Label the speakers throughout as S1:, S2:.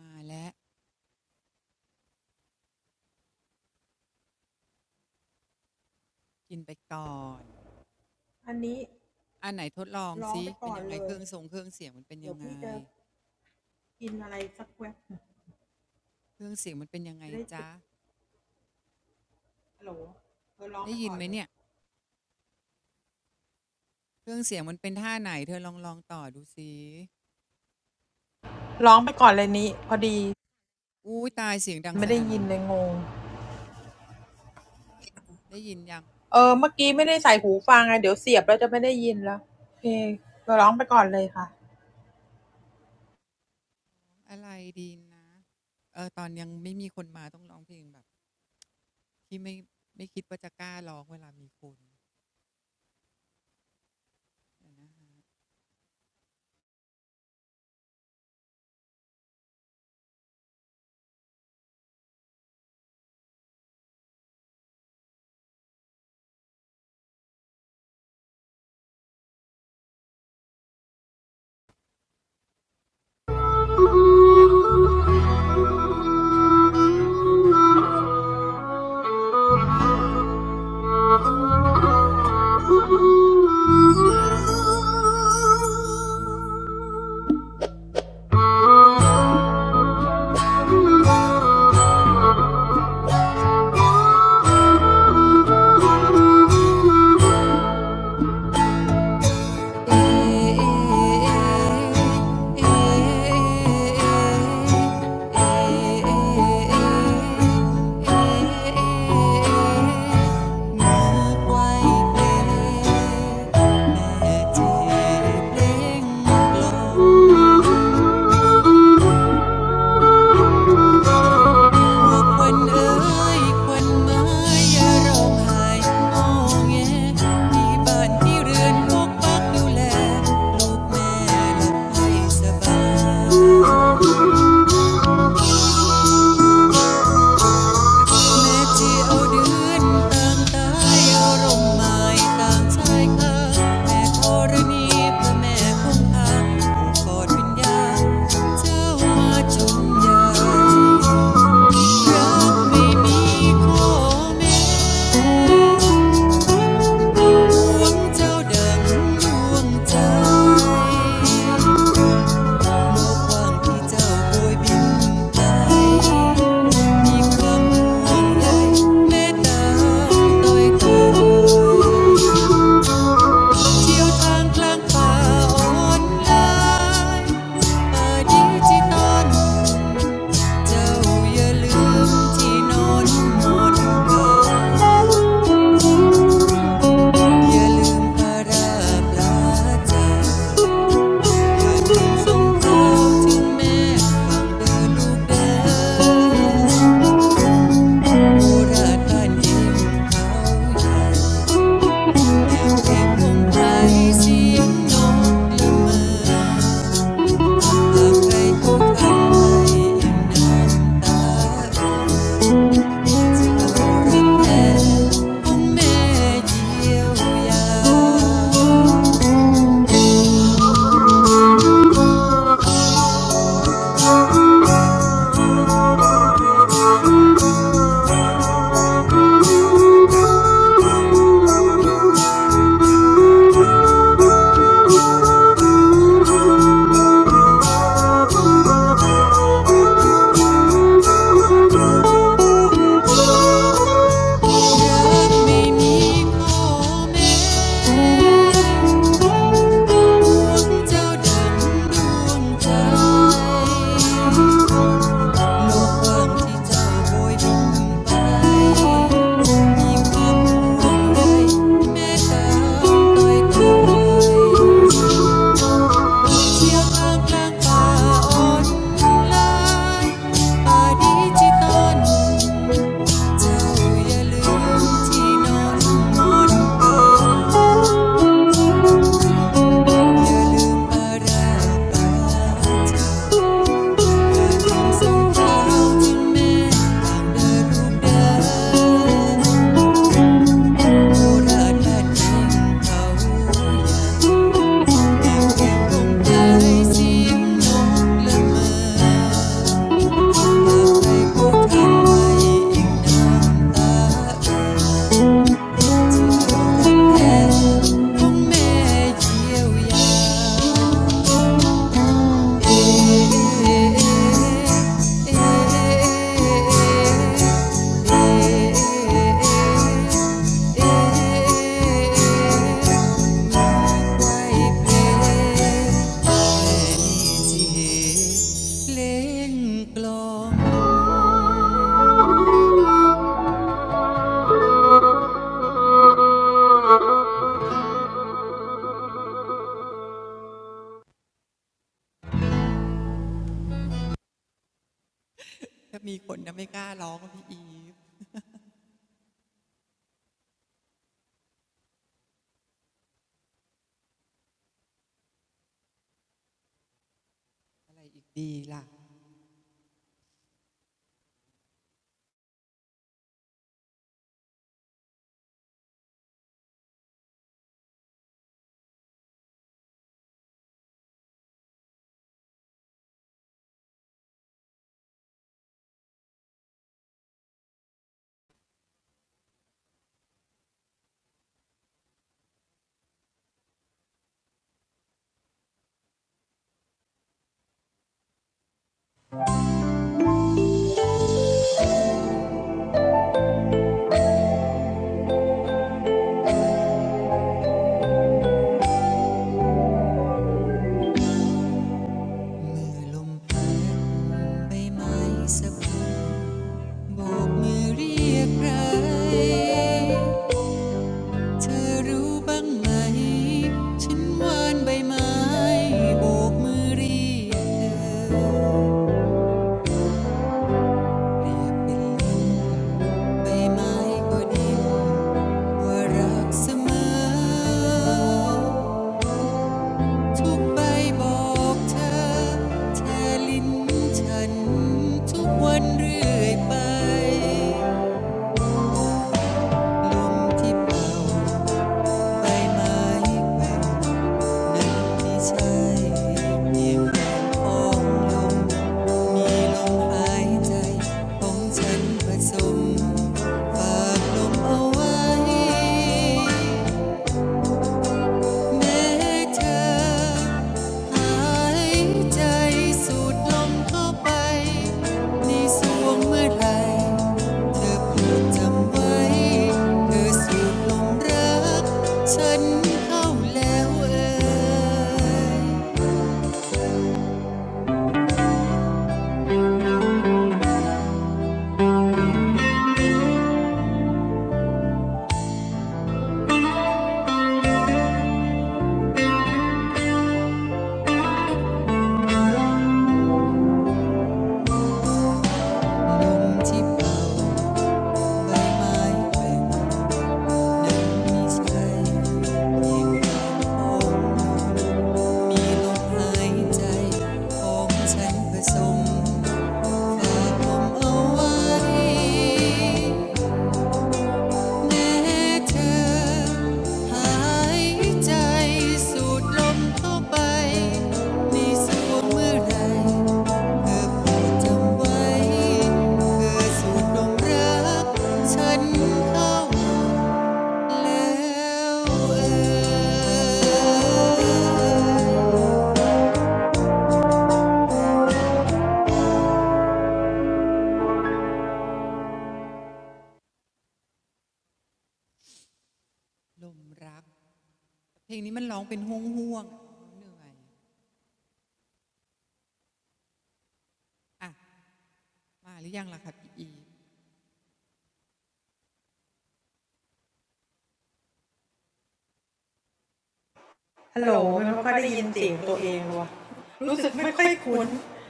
S1: มาแล้วกินไปก่อนอันไหนทดลองซิเป็นยังไงเครื่องทรงเครื่องเสียงมันเป็นยังไงเครื่องเสียงมันเป็นยังไงจ๊ะได้ยินไหมเนี่ยเครื่องเสียงมันเป็นท่าไหนเธอลองลองต่อดูซิอู้ตายเสียงดังสนั่นหวั่นไหวได้ยินยังอะไรดีนะเออตอนยังไม่มีคนมาต้องร้องเพลงแบบที่ไม่ไม่คิดว่าจะกล้าร้องเวลามีคน เมื่อไวกเล็กแม่จีเพลงกลัวคนเอ่ยคนหมายอย่าร้องไห้งอแงมีบ้านที่เรือนพวกพักดูแลลูกแม่และให้สบาย แม่เจียเดืนต่างตายเอาร่มไม้ต่างชายคาแม่ธรณีแม่คงคาโอบกอดป็นยาเจ้ามาจงยามรักไม่มีข้อแม้ดวงเจ้าดังดวงใจโลความที่เจ้าโบยบินไปมีคำห่ังใยแม่น้ต้อยตอย เที่ยวทางกลางป่าออนล้าป่าดิบที่ตอนเจ้าอย่าลืมที่นอนหมดเกินอย่าลืมพาราปลาจากอย่าลืมสงครามถึงแม่ต้งเดิ์ลูกเดินโบราณั้านเองเขาใหญ่เงเสียงนกละเมอ Thank you. เที่ยวทางกลางป่าอ่อนลายป่าดีที่ตอนเจ้าอย่าลืมที่นอนปาราปาควาทรจที่แม่ต่างเดินรูปเดินโบราณด้างเขาอยากแอบเกดบลมใจเสียงนกละมออยากไปพบทันไ้อีกน้ำตา มีควายเพลงแม่ดีที่เหตุเล่นกลมีคนจะไม่กล้าร้องพี่อีฟอะไรอีกดีล่ะ มือลมพันใบไม้สะบัดโบกมือเรียกใคร เธอรู้บ้างไหมฉันวานใบไม้โบกมือเรียกเธอเรียกเป็ใบไม้ก็ดินว่ารักเสมอ ทุกใบบอกเธอเธอลิ้นฉันทุกวันเรื่อยไป ลมที่เป่าใบไม้แหว่นนั้นไม่ใช่เพียงแรงอองลมมีลมหายใจ ของฉันผสมฝากลมเอาไว้ แม้เธอหายใจสูดลมเข้าไปในสวงเมื่อไรเธอพปดจำไว้เธอสูดลมรักฉันเข้าแล้วเอ่ยลมที่เป่าใบไม้แกว่งนันไม่ใช่เพียงแค่ขอมมีลมหายใจของฉันผสม ฝาผมเอาไว้แม้เธอหายใจสูดลมเข้าไปในสวงเมื่อไรเธอโปรดจำไว้เธอสูดลมรักฉันเข้าแล้วเอลมรักเพลงนี้มันร้องเป็นห่วงห่วงๆเหนื่อยอ่ะมาหรือยังล่ะคะพี่อี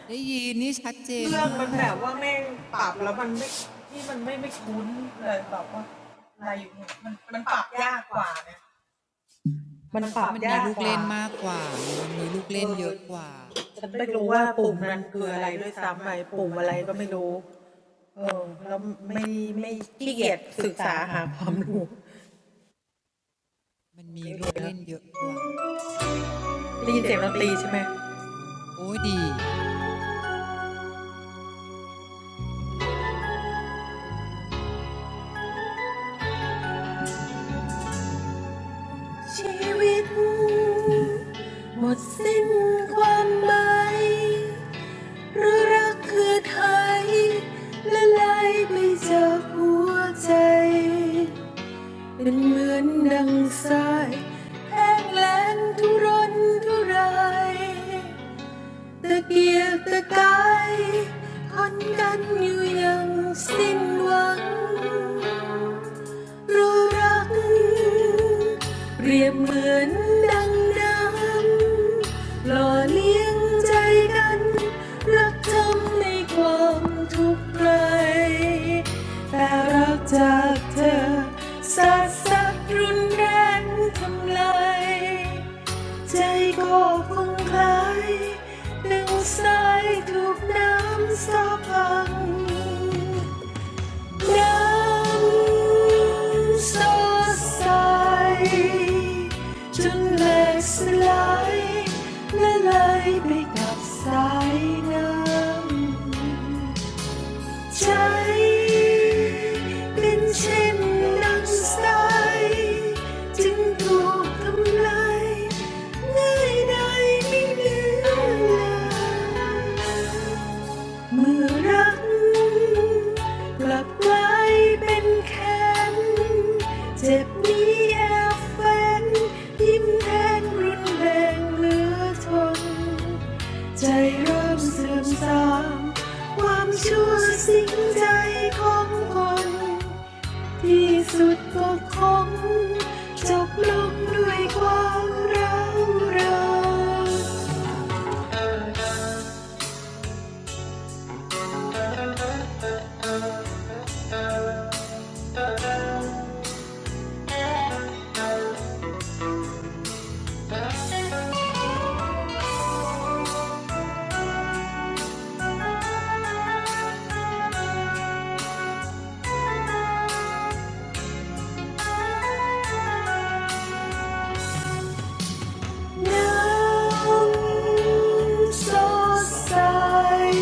S1: ได้ยินนี่ชัดเจนมากเอาแต่ว่ามันมีลูกเล่นมากกว่าไงมันมีลูกเล่นเยอะกว่า มันมีลูกเล่นเยอะกว่า โอ้ยดี
S2: Breathe like thunder, lolling, jaded, numb in the grey. But we're just sad, sad, run, ran, torn. My heart is aching, drenched in every drop of rain. สดใสจนเหล็กสลายละลายไปกับสายน้ำใจเป็นเช่นดังสายจึงถูกทำลายง่ายได้ไม่เหลือเลย เมื่อรักกลับกลายเป็นแค้นเจ็บนี้แอบแฝงยิ้มแทงรุนแรงเหลือทน น้ำสดใส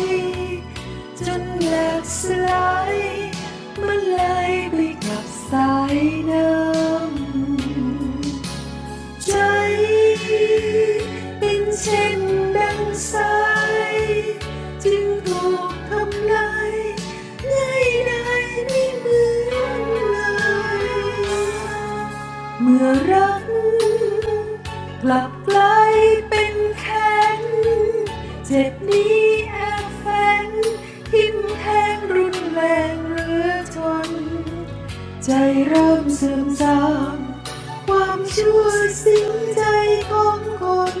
S2: จนแหลกสลายมันไหลไปกับสายน้ำ ใจเป็นเช่นดังสายจึงถูกทำลายง่ายได้ไม่เหมือนเลยเมื่อรักกลับกลายเป็นแค้นเจ็บนี้แอบแฝงทิมแทงรุนแรงเหลือทนใจเริ่มเสื่อมทราม ความชั่วสิงใจของคน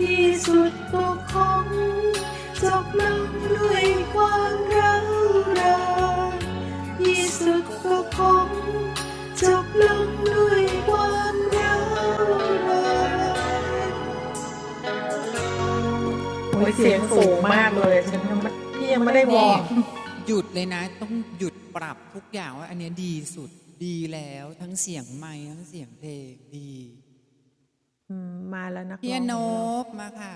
S2: ที่สุดตกของจบลงด้วยความร้าวรานที่สุดตกของจบลงด้วยความร้าวราน
S1: นี่หยุดเลยนะต้องหยุดปรับทุกอย่างว่าอันนี้ดีสุดดีแล้วทั้งเสียงไม้ทั้งเสียงเพลงดีเฮียโนบมาค่ะ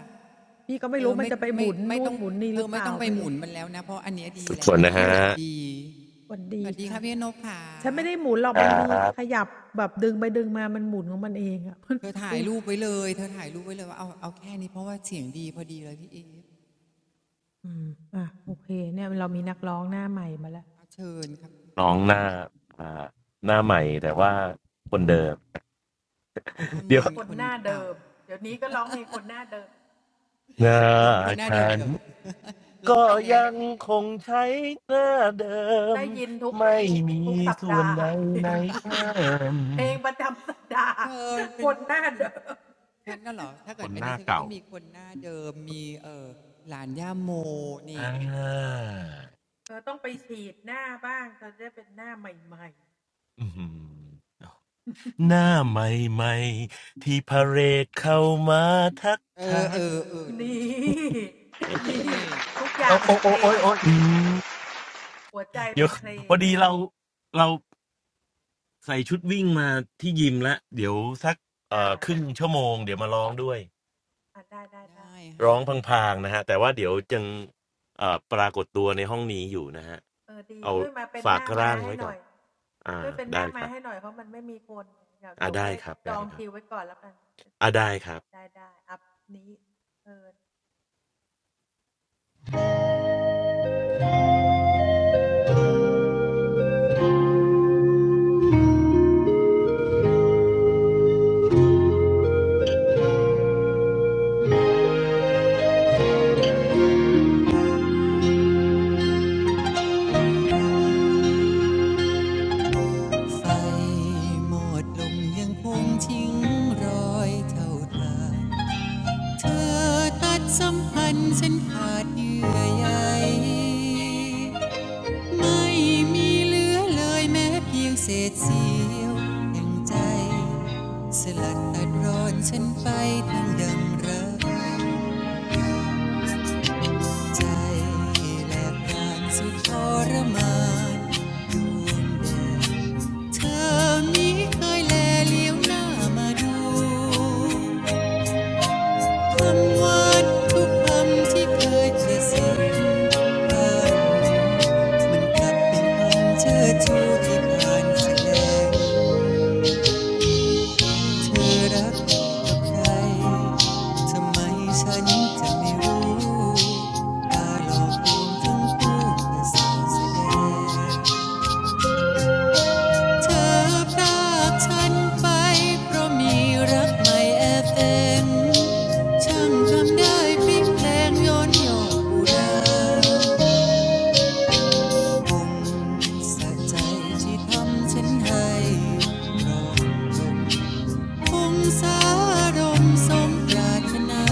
S1: เออไม่ไม่ไม่ต้องเธอไม่ต้องไปหมุนมันแล้วนะเพราะอันนี้ดี
S3: ทุกค
S1: แล้ว
S3: นนะ
S1: ดี
S3: ฮะ
S1: แบบดีสวัสดีค่ะพี่โนบค่ะ
S3: ครับ
S1: เธอถ่ายรูปไว้เลยเธอถ่ายรูปไว้เลยว่าเอาเอาแค่นี้เพราะว่าเสียงดีพอดีเลยพี่เอฟเอาเชิญครับ
S3: น้องหน้าอ่าหน้าใหม่แต่ว่าคนเดิม
S1: หน้าม
S3: เดี๋ยว
S1: นคนเก่า
S3: หน้า
S1: ร้องคนหน้าเดิ
S3: ฉั
S1: มอี
S3: น
S1: กเหรอ ร้อง
S3: ก็
S1: ไปแล้ว
S3: ยังคงใช้หน้าเดิมไม่มีส่วนใดในเพิ่ม
S1: เธอเป็นเป็นฉันก็เหรอ ถ้า
S3: ค
S1: เกิด
S3: น
S1: อั
S3: ห
S1: น
S3: น้า
S1: นี้ฉันก็
S3: เก่า
S1: ต้องมีคนหน้าเดิมมีเออหลานย่าโมนี่
S3: อ่าอื้อหือหน้าใหม่ๆที่พาเรดเข้ามาทัก
S1: เอ
S3: ทา
S1: อเอ
S3: ย
S1: อเออดีนี่
S3: โอ้โอ้โอ้ยโอ้ยอืมเดี๋ยวพอดีเราเรา ใส่ชุดวิ่งมาที่ยิมละเดี๋ยวสักเอ่อครึ่งชั่วโมงเดี๋ยวมาร้องด้วย
S1: ได้ฮะ
S3: ร้องพังๆนะฮะแต่ว่าเดี๋ยวจึงเอ่อปรากฏตัวในห้องนี้อยู่นะฮะเอาฝากร่างไว้ก่อนอ่าได้ครับอ่าได้ครับได้ครับอ่าได้ครับ
S1: ใส่หมดลงยังคงทิ้งรอยเท่าเธอ เธอตัดสัมพันธ์ฉันขาดเยื่อใยไม่มีเหลือเลยแม้เพียงเศษเสี้ยวแห่งใจสลัดตัดรอนฉันไปทั้งดังรักใจและการสุดทรมานดวงเดีเธอมีเคยแลเลี้ยวหน้ามาดู คำว่าทุกคำที่เคยจะสิ่งผ่มันกลับเป็นคำเชื่อชูที่ผ่านแสดงเธอรักกับใครทำไมฉันจะไม่รู้ตาหลอกลวงทั้งคู่แต่สาวแสดง เธอปรากฉันไปเพราะมีรักใหม่แอบเอง ฉันทำได้พิกแพลงย้อนหยอกอุราสะใจที่ทำฉันให้ครองลมคงสารมสมปรารถนา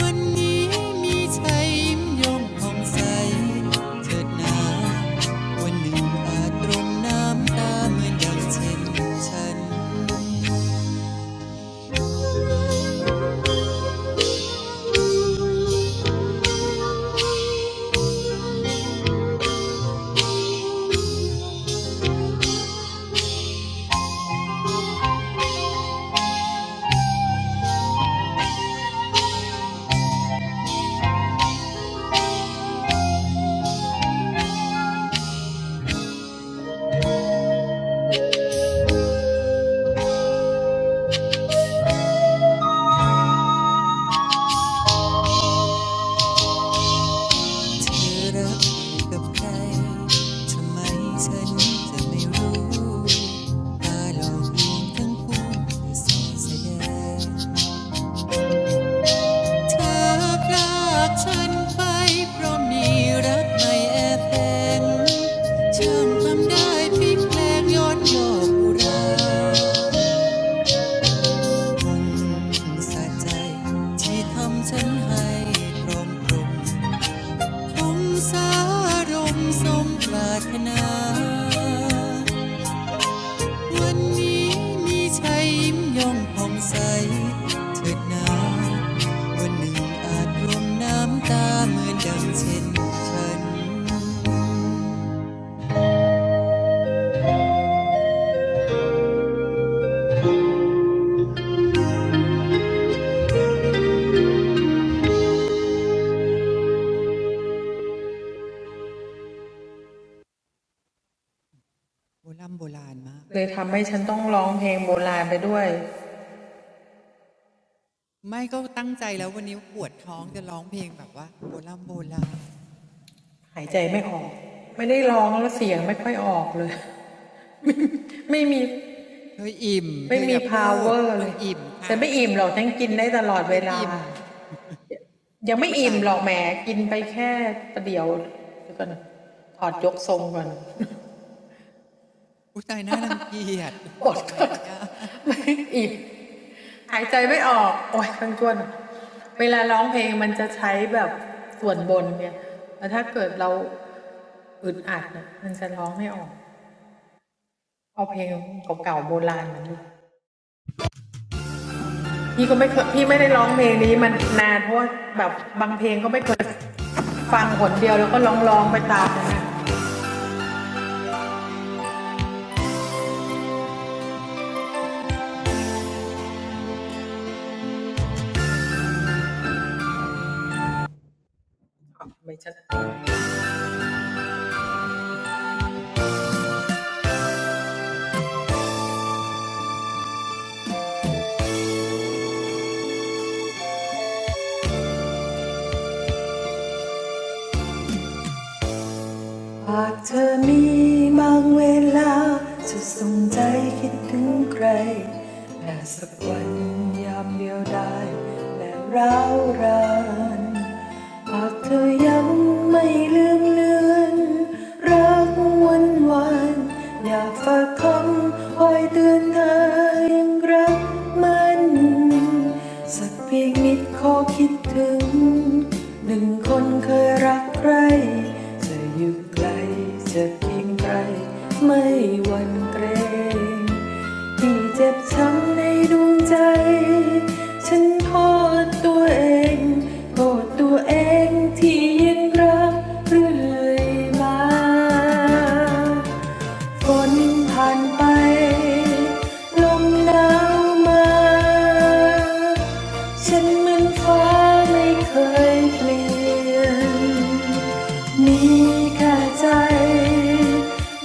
S1: วันนี้มีชัยยิ้มยงผ่องใสเถิดหนาวันหนึ่งอาจรรงน้ำตาเหมือนดังเช่นฉันเธอรักกับใครทำไมฉันจะไม่รู้ตาหลอกลวงทั้งคู่เธอสอดแสดง เธอพรากฉันไปเพราะมีรักใหม่แอบแฝงช่างทำได้พลิกแพลงย้อนยอกอุราสะใจที่ทำฉันให้พรอมตรงคงสารมสมปรารถนา วันนี้มีชายยิ้มย่องผ่องใสเถิดหนาวันหนึ่งอาจรวมน้ำตาเหมือนดังเช่นฉันโบราณโบราณมากไม่ก็ตั้งใจแล้ววันนี้ปวดท้องจะร้องเพลงแบบว่าโบราณโบราณเธออิ่มเธออย่าพูดเธออิ่มค่ะเธออิ่มอุ้ยตายแล้วอุ้ยตายน่ารังเกียจพูดออกไปไม่ได้
S2: หากเธอมีบางเวลา เธออยู่ไกลจะเพียงไกล ฝนผ่านไปลมหนาวมาฉันเหมือนฟ้าไม่เคยเปลี่ยนมีแค่ใจ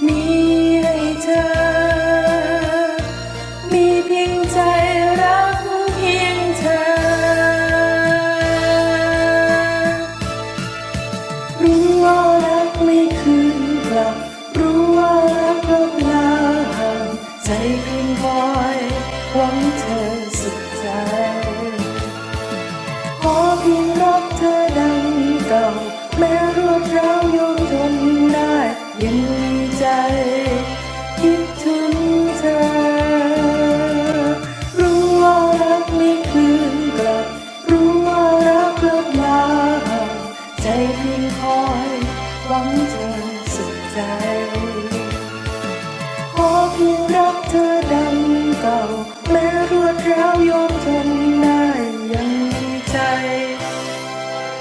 S2: มีให้เธอมีเพียงใจรักเพียงเธอ รู้ว่ารักไม่คืนกลับรู้ว่ารักลบลาห่างใจเพียงคอยหวังเธอสุดใจ ขอเพียงรักเธอดังเก่าแม้รวดร้าวโยงทนได้ยังมีใจคิดถึงเธอรู้ว่ารักไม่คืนกลับรู้ว่ารักกลับมาหาใจเพียงคอยหวังเธอสุดใจขอเพียงรักเธอดังเก่า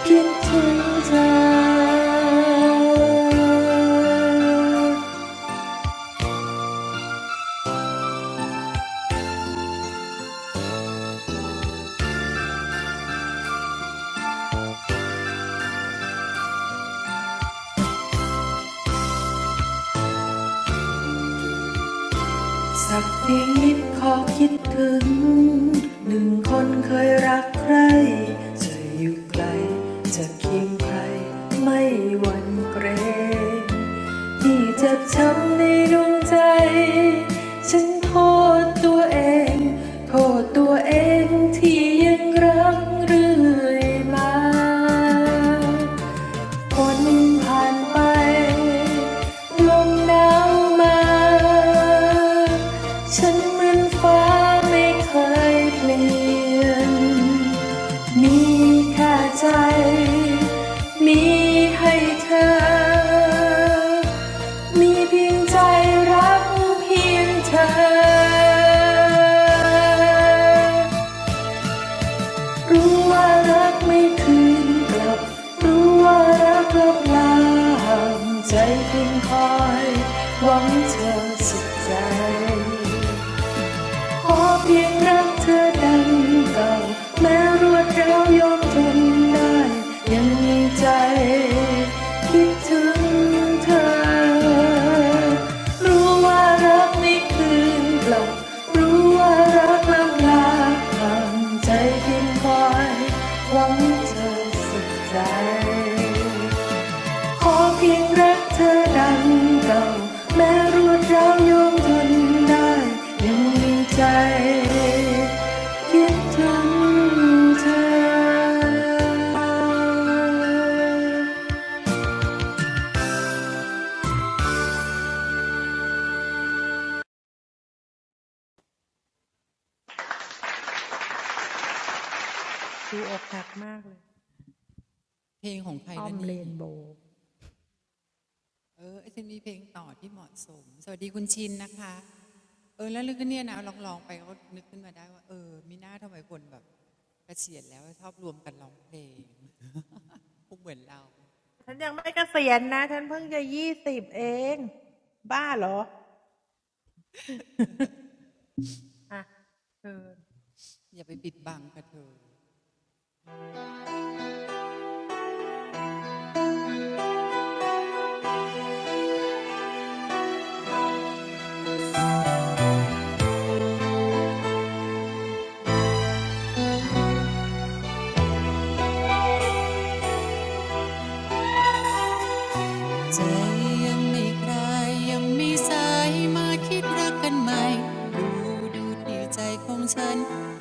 S2: คิดถึงเธอ ฝนผ่านไปลมหนาวมาฉันเหมือนฟ้าไม่เคยเปลี่ยนมีแค่ใจมีให้เธอมีเพียงใจรักเพียงเธอ Know that love is not enough. Know that love is not enough. Heart is empty, wanting your love. ขอเพียงรักเธอดังเก่า ขอเพียงรักเธอดังเก่า
S1: เพลงของใครละนี่เออฉันมีเพลงต่อที่เหมาะสมสวัสดีคุณชินนะคะ เออแล้วเรื่องก็เนี่ยนะลองๆไปก็นึกขึ้นมาได้ว่าเออมีหน้าทำไมคนแบบเกษียณแล้วชอบรวมกันร้องเพลงพวกเหมือนเราอย่าไปปิดบังกันเถอะใจยังไม่คลายยังมีสายมาคิดรักกันใหม่ดูดูที่ใจของฉัน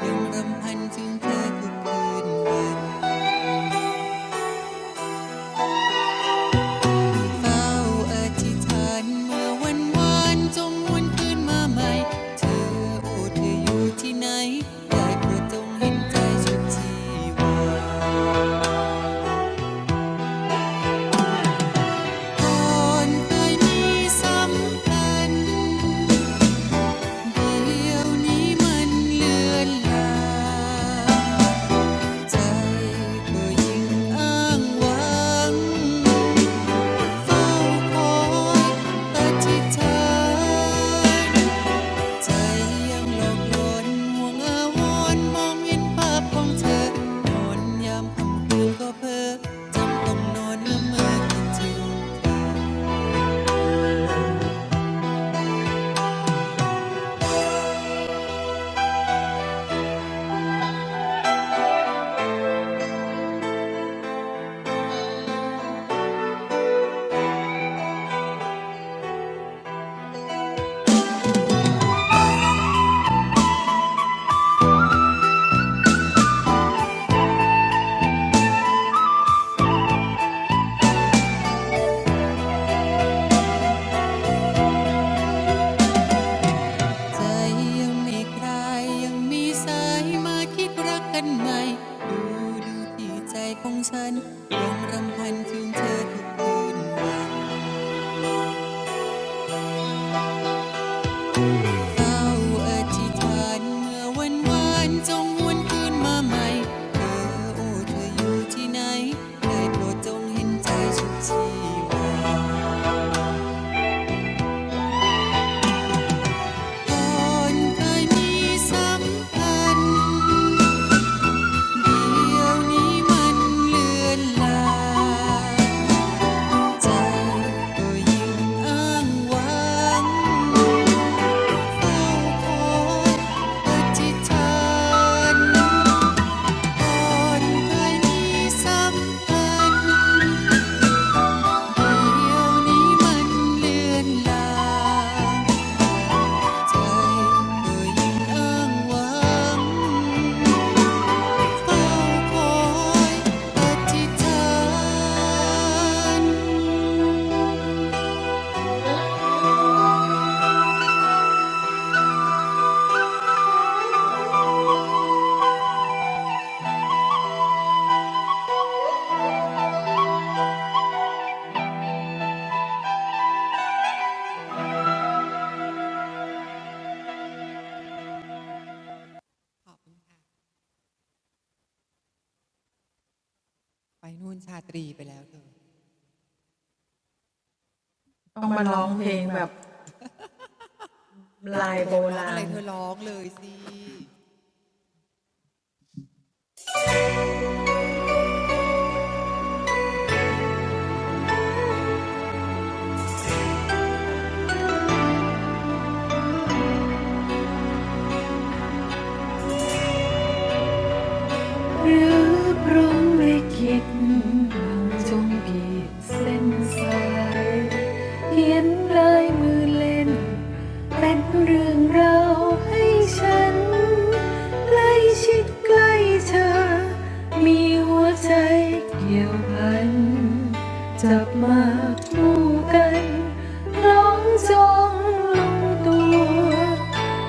S1: ยังรำพันถึงเธอทุกคืนวัน เฝ้าอธิษฐานเมื่อวันวานจงวนคืนมาใหม่เธอโอ้เธออยู่ที่ไหนยาด้โปรดจงเห็นใจจุดที่ว่าก่อนเคมีสำคัญเดี๋ยวนี้มันเลือนล่างใจก็ยิ่งอ้างว้างเฝ้าคอยอธิษฐาน ใจยังหลอกลวงห่วงอาวรมองเห็นภาพของเธอนอนยามค่ำคืนก็เพ้อจำต้องนอนละเมอคิดถึงเธอใจยังไม่คลายยังมีสายมาคิดรักกันใหม่ดูดูที่ใจของฉันยังรำพันถึงเธอทุกคืนวัน เราอธิษฐานเมื่อวันวานจงหวนคืนมาใหม่เธอโอ้เธออยู่ที่ไหนได้โปรดจงเห็นใจฉันทีว่อนเคยมีสัมพันเดี๋ยวนี้มันเลือนลางใจก็ยิงอ้างว้างเฝ้าคอยอธิษฐาน นยมีสัมพันเดียวนี้มันเลือนลางใจกย่้างวงเ้าคอยินขอบคุณค่ะไปนู่นชาตรีไปแล้วเธอเธออยากร้องอะไรเธอร้องเลยสิ
S2: หรือพรหมลิขิตบังจงกีดเส้นสายเขียนลายมือเล่น แล้วแกล้งกระชากลากไหลสุดปลายฟ้า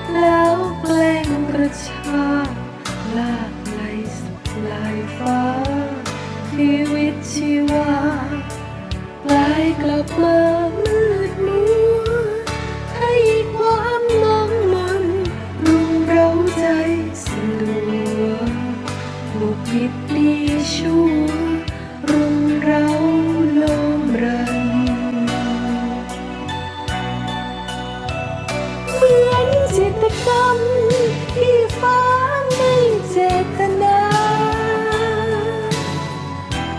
S2: เหมือนจิตรกรรมที่ฟ้าไม่เจตนา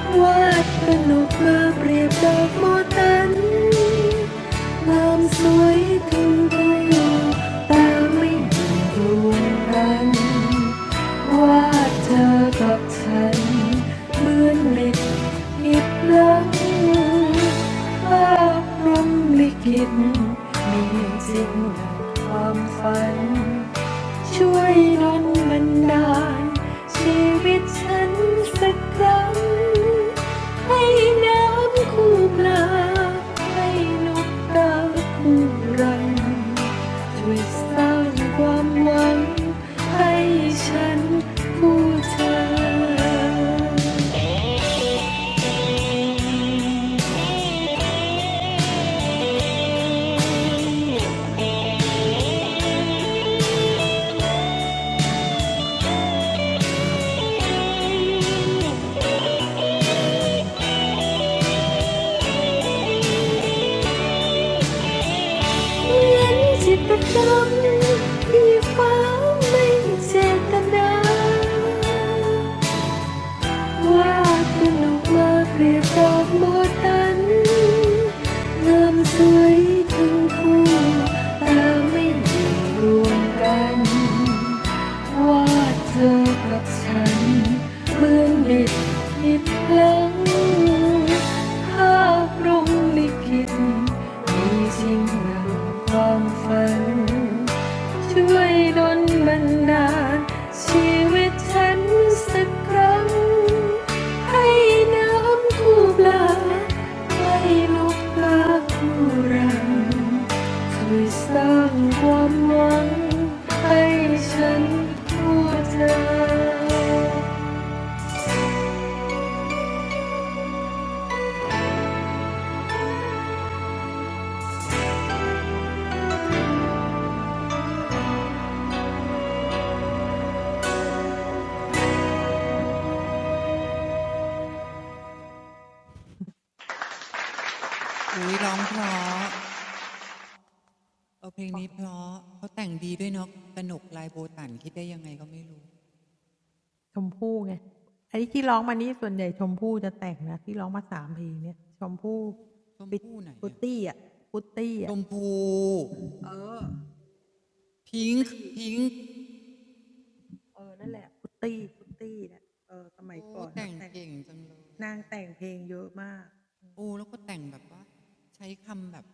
S2: วาดเป็นนกมาเปรียบดอกโมตันงามสวยถึงทุกดวงตาไม่ดูดวงกันวาดเธอกับฉันเหมือนลิดหิดลังภาพรำลิขิตมีจริงดังความฝัน ช่วยดลบันดาล วาดบน nụ ma kẹp tóc múa tan ngắm suối thương phù ta không dừng rung tan. Vẽ cho gặp nhau mơn mịt nghĩ lung. Pha rung lịt kinh, mì xinh làm pha lún. ช่วยดลบันดาลชีวิตฉันสักครั้ง
S1: อุ้ยร้องเพราะเอาเพลงนี้เพราะเขาแต่งดีด้วยเนาะกนกลายโบตันคิดได้ยังไงก็ไม่รู้ชมพู่ไหนอะ ชมพูพิงค์พิงค์โอ้แต่งเก่งจังเลยอะโอ้แล้วก็แต่งแบบว่าใช้คำแบบ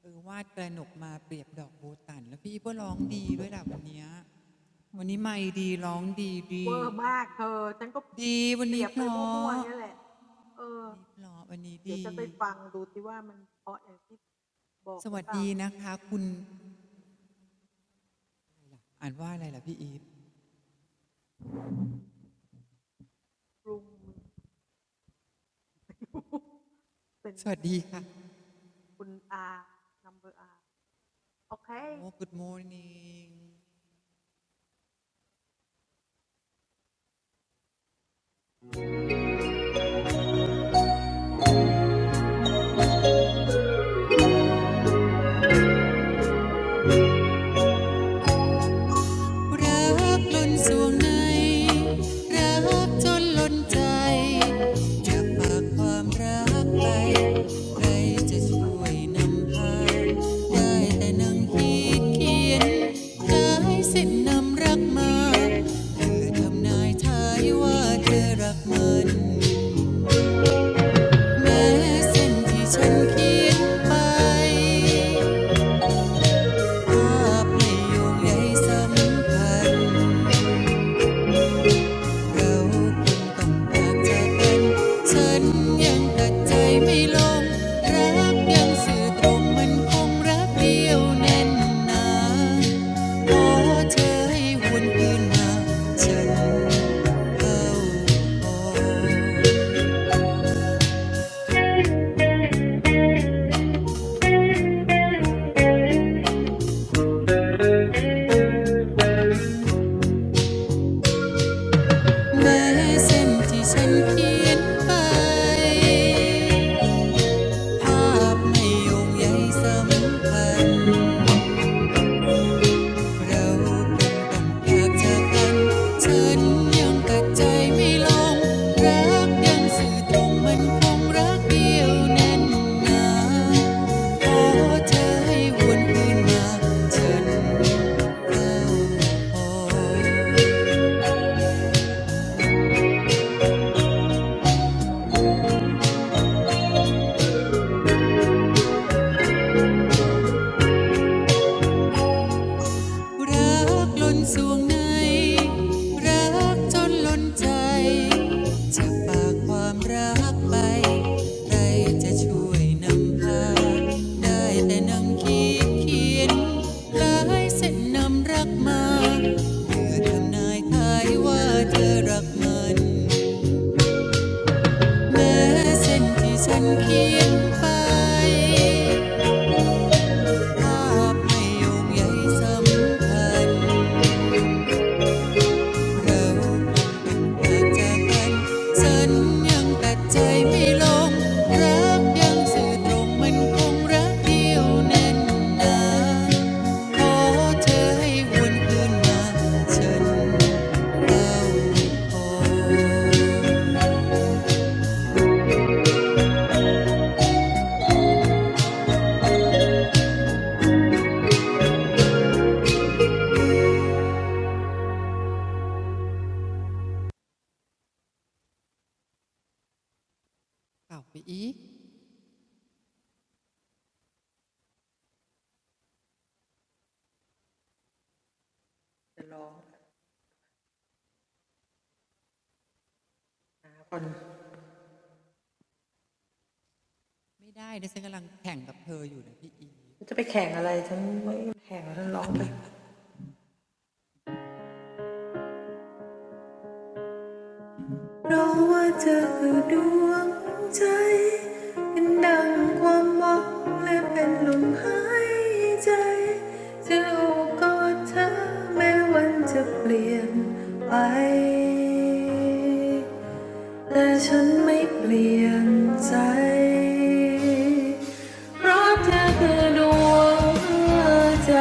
S1: เออวาดกระหนกมาเปรียบดอกโบตันแล้วพี่ก็ร้องดีด้วยล่ะวันนี้วันนี้ไม่ดีร้องดีดีดีวันนี้เพราะวันนี้เพราะวันนี้ดีสวัสดีนะคะคุณอ่านว่าอะไรล่ะพี่อีฟสวัสดีค่ะโอ้ good morning รักล้นสวงในรักจนล้นใจจะฝากความรักไปใครจะช่วยนำพาได้แต่นั่งคิดเขียนทายสิ่นนำรักมาเพือทำนายทายว่าเธอรักมันแม่เส้นที่ฉันเขียนไปภาพในโยงใยสัมพันธ์ เราคณต้องแยกจะเป็นฉันยังตัดใจไม่ลงรักยังสื่อตรงมันคงรักเดียวแน่นหนาขอเธอให้วนพืนาฉันเข่าออกแม้เส้นที่ฉันเขียนไปภาพไม่โยงใ่สัมพัน เราเป็นกันยกเจอกันฉันยังตัดใจไม่ลงรักยังสื่อตรงมันคงรักเดียวแน่นหนาขอเธอให้วนคืนมาฉันเังอ รักล้นสวงในรักจนล้นใจ จะฝากความรักไปใครจะช่วยนำพาได้แต่นั่งคิดเขียนหลายเส้นนำรักมาเพื่อทำนายทายว่าเธอรักมันแม้เส้นที่ฉันเขียนไปภาพไม่โยงใยสำคัญเรา เกจกันยังตใจไม่ลงรักยังสื่อตรงมันคงรักเดียวแน่นาขอเอให้วนคืนมาันเาพอ่อีไม่ได้นะฉันกำลังแข่งกับเธออยู่นะพี่อีก
S2: รู้ว่าเธอคือดวงใจเป็นดังความหวังและเป็นลมหายใจจะลูกกอดเธอแม้วันจะเปลี่ยนไป แต่ฉันไม่เปลี่ยนใจเพราะเธอคือดวงใจ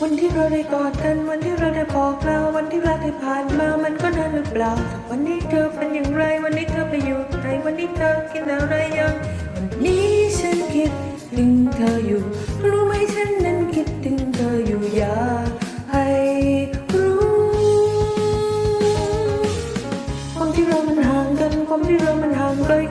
S2: วันที่เราได้กอดกันวันที่เราได้บอกลาวันที่รักที่ผ่านมามันก็นานหรือเปล่า ความที่เรามันห่างกันความที่เรามันห่างไกลความที่ตัวมันอยู่ไกลใจก็เริ่มเป็นห่วงแต่ไม่ว่าเรื่องใดใจจะไม่ไปไหนและจะคอยห่วงใยแล้วล่ะวันนี้เธอคิดถึงใครอยู่แต่รู้ไหมฉันนั้นยังมีฉันอยู่ลาซา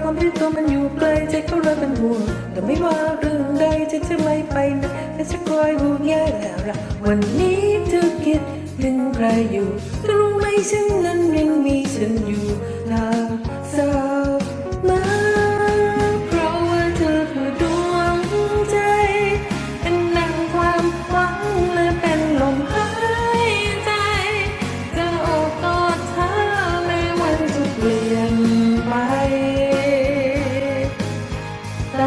S2: because you are my heart, I'm feeling the pain and falling apart. But you, you made me change, but I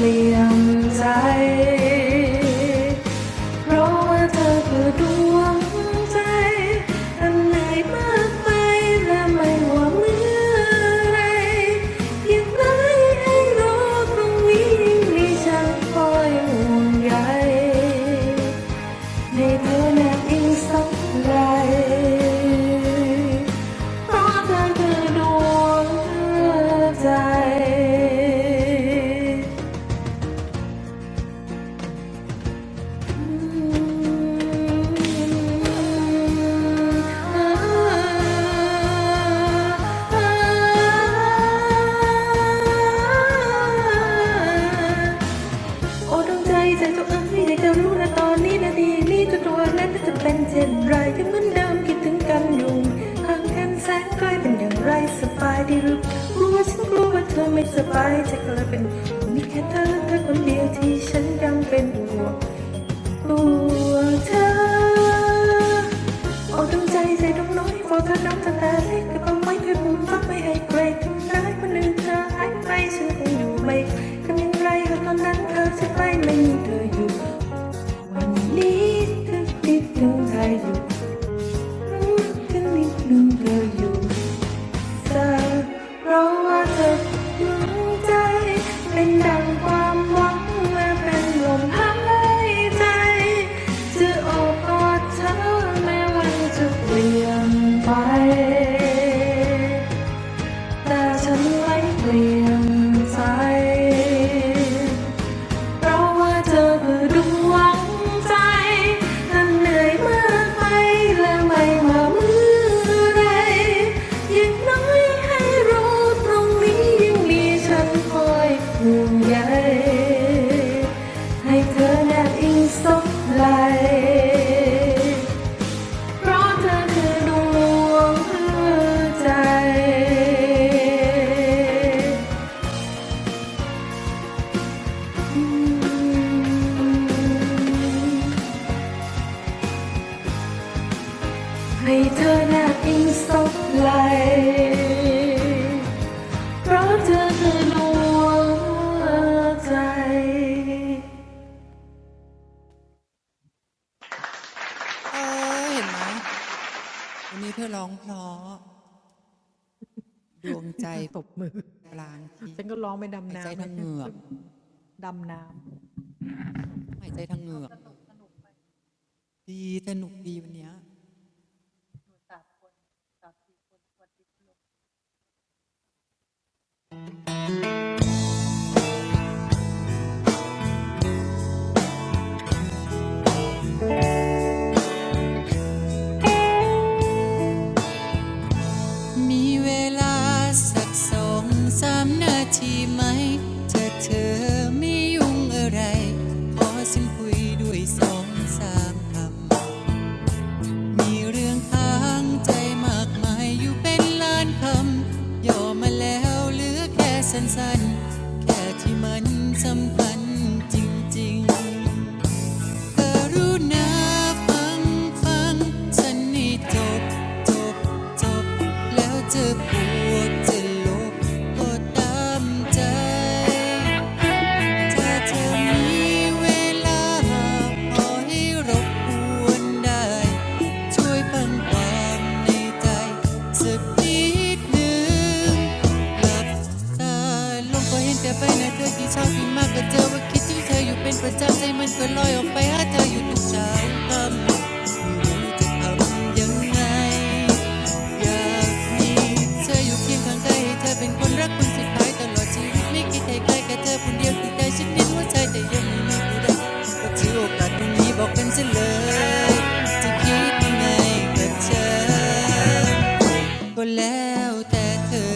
S2: didn't change. เพราะว่าเธอคือดวงใจอันไหนมากไปและไม่ว่าเมื่อไรเพียงไรให้รู้ตรงนี้ยิ่งมีฉันคอยห่วงใยในเธอแนบอิงสักไรเพราะเธอคือดวงใจ ไม่สบายใจก็เลยเป็นมีแค่เธอเธอคนเดียวที่ฉันยังเป็นห่วง ตัวเธอเอาทั้งใจใส่น้องน้อยมองเธอน้ำตาตาเล็กแต่ไม่เคยพูดฟังไม่ให้ใครทำร้ายคนอื่นเธอหายไปฉันคงอยู่ไม่ทำยังไงหากตอนนั้นเธอจะไปไม่มีเธออยู่นิดนึงนิดนึงใครอยู่นิดนึงนิดนึงเธออยู่ เธอเพราะว่าเธอหัวใจ เพราะว่าเธอคือดวงใจอันเหนื่อยมากไปและไม่ว่าเมื่อไรอย่างน้อยให้รู้ตรงนี้ยังมีฉันคอยห่วงใยให้เธอแนบอิงสบไหลเพราะเธอคือดวงใจอืม ให้เธอแนบอิงซบไหลเพราะเธอคือดวงใจ
S1: เอยเห็นไหมวันนี้เธอร้องเพลอดวงใจปลางทิพย์หายใจทางเหงือกต้องหายใจทางเหงือกดีสนุกดีวันเนี้ย มีเวลาสักสองสามนาทีไหมเธอเธอไม่ยุ่งอะไรขอฉันคุยด้วยสองสามคำมีเรื่องค้างใจมากมายอยู่เป็นล้านคำย่อมาแล้วเหลือแค่สั้นๆแค่ที่มันสำคัญจริงๆ กรนณาฟังฟังฉันนี้จบจบจบแล้วจะปวดจะลบก็ตามใจ เธอมีเวลาขอให้รบกวนได้ช่วยฟังความในใจสักนิดหนึ่งหลับตาลงก็เห็นแต่ไปนะเธอที่ช้าที่มากก็เจอว่าคิดถึงเธออยู่เป็นประจำใจมันก็ลอยออกไปหาเธออยู่ทุกเช้าค่ำไม่รู้จะทำยังไง อยากมีเธออยู่เคียงข้างกายให้เธอเป็นคนรักคนสุดท้ายตลอดชีวิตไม่คิดให้ใครแค่เธอคนเดียวที่ใจฉันน้นหใจแต่ยังไมู่้ก็กานี้บอกกนจะคิดยังไงกับเธอก็แล้วแต่เธอ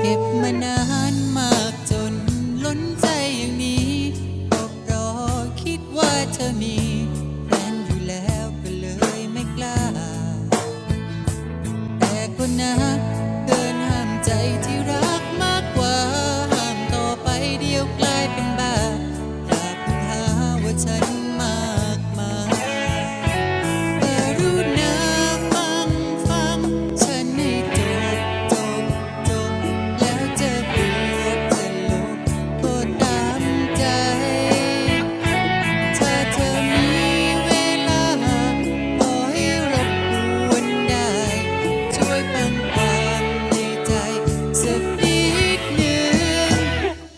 S1: เก็บมานานมากจนล้นใจอย่างนี้ก็เพราะคิดว่าเธอมีแฟนอยู่แล้วก็เลยไม่กล้า แต่ก็นะเดินห้ามใจที่รักมากกว่าห้ามต่อไปเดียวกลายเป็นบ้าอยาก้พงหาว่าฉันมากมายแต่รู้นะฟังฟัง ฉันให้จบจบจบแล้วจะเปลี่ยนจะลบก็ตามใจ ถ้าเธอมีเวลาขอให้รบกวนได้ช่วยปังคในใจสักนิดหนึ่ง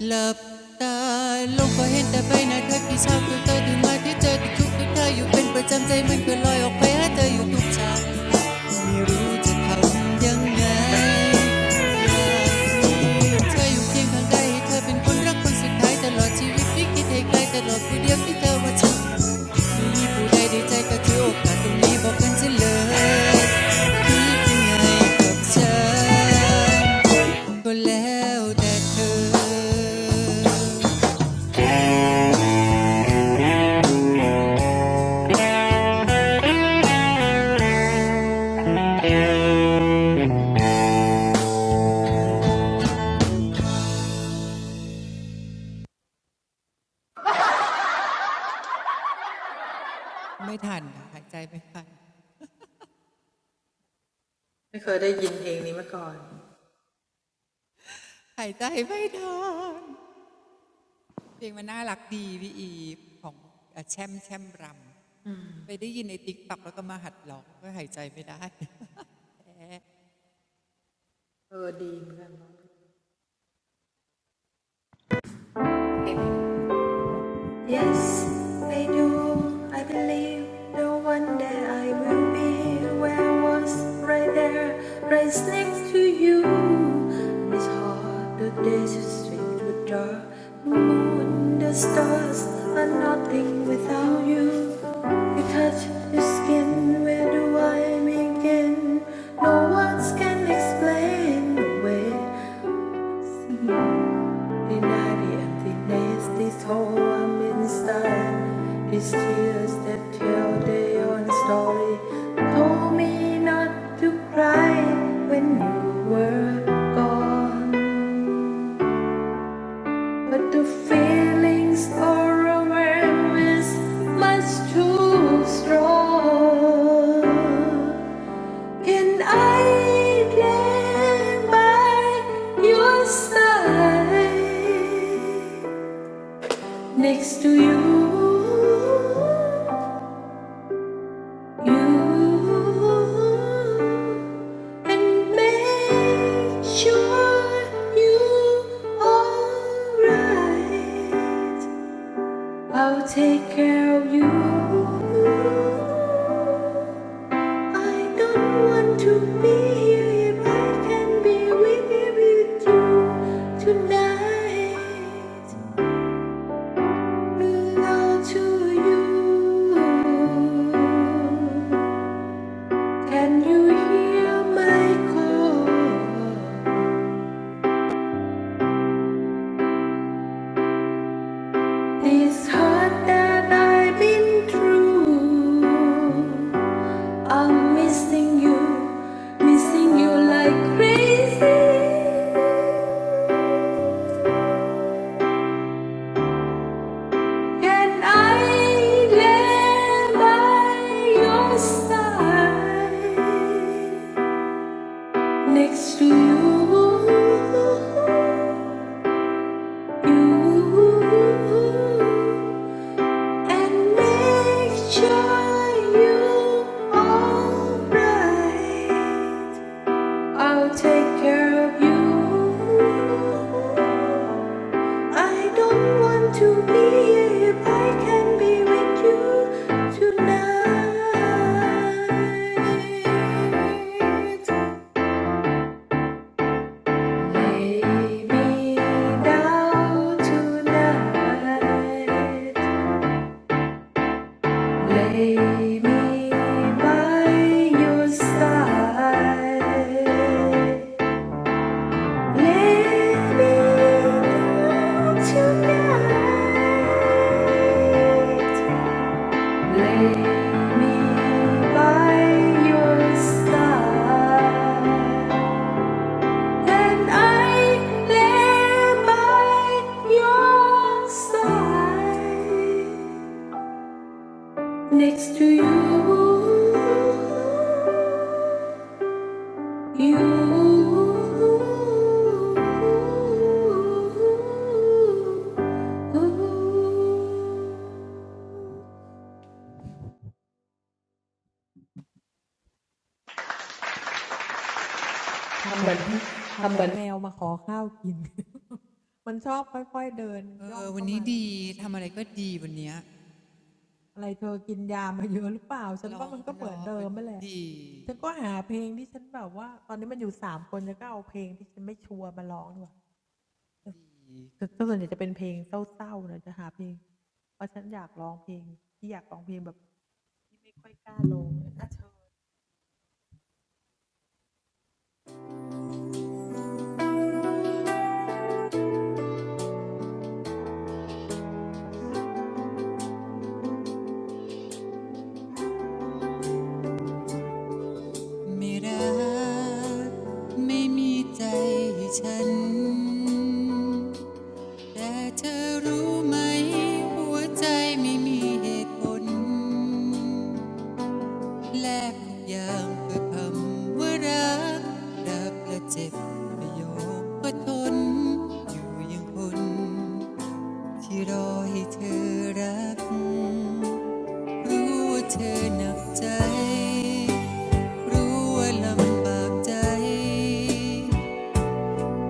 S1: หลับตาลงก็เห็นแต่ใบหน้าที่เช้าคือเธอตื่นมาที่เจอที่ทุกข์ที่เธออยู่เป็นประจำใจมันก็ลอยออกไปหาเธออยู่ทุกเช้า ไม่รู้จะทำยังไงเธออยู่เียงข้างใดหเธอเป็นคนรักคนสายตลอดชีวิตใไกลตลอดเียที่เธอว่าฉันม่มีูดใจก็อกสตเคไงกับฉันแล้วแต่เอไม่ทันยใจไม่ทนหายใจไม่ทันเพลงมันน่ารักดีพี่อีของ่แช่มแช่มรำ ไปได้ยินในติ๊กตักแล้วก็มาหัดร้องก็หายใจไม่ได้
S2: Yes, I do. I believe that one day I will be where I was, right there, right next to you. And it's hard, the days are strange with dark. The moon, the stars are nothing without you. You touch your skin, where do I begin? No words can explain the way. Denied and the nasty's home in style. His tears that tell their own story told me not to cry when you were gone. But the feelings overwhelmed is much too strong. and I lay by your side? Next to you, you, and make sure you alright. I'll take care of you. I don't want to be here if I can be with you tonight. Belong to you. Can you hear my call? This heart that I've been through, I'm missing you, missing you like crazy. Can I lay by your side next to you? and make sure you alright. I'll take care of you. I don't want to be if I can be with you tonight. Lay me down tonight. Lay me by your side. Lay me down tonight. Lay me by your side. And I lay by your side next to you. You
S1: เออวันนี้ดีทำอะไรก็ดีวันนี้ร้องเพราะวันนี้ดี ไม่รักไม่มีใจให้ฉันแต่เธอรู้ไหมหัวใจไม่มีเหตุผลแลกทุกอย่างเพื่อคำว่ารักรักและเจ็บไม่ยอมก็ทนอยู่อยังคน ที่รอให้เธอรัก รู้ว่าเธอหนักใจ รู้ว่าลำบากใจ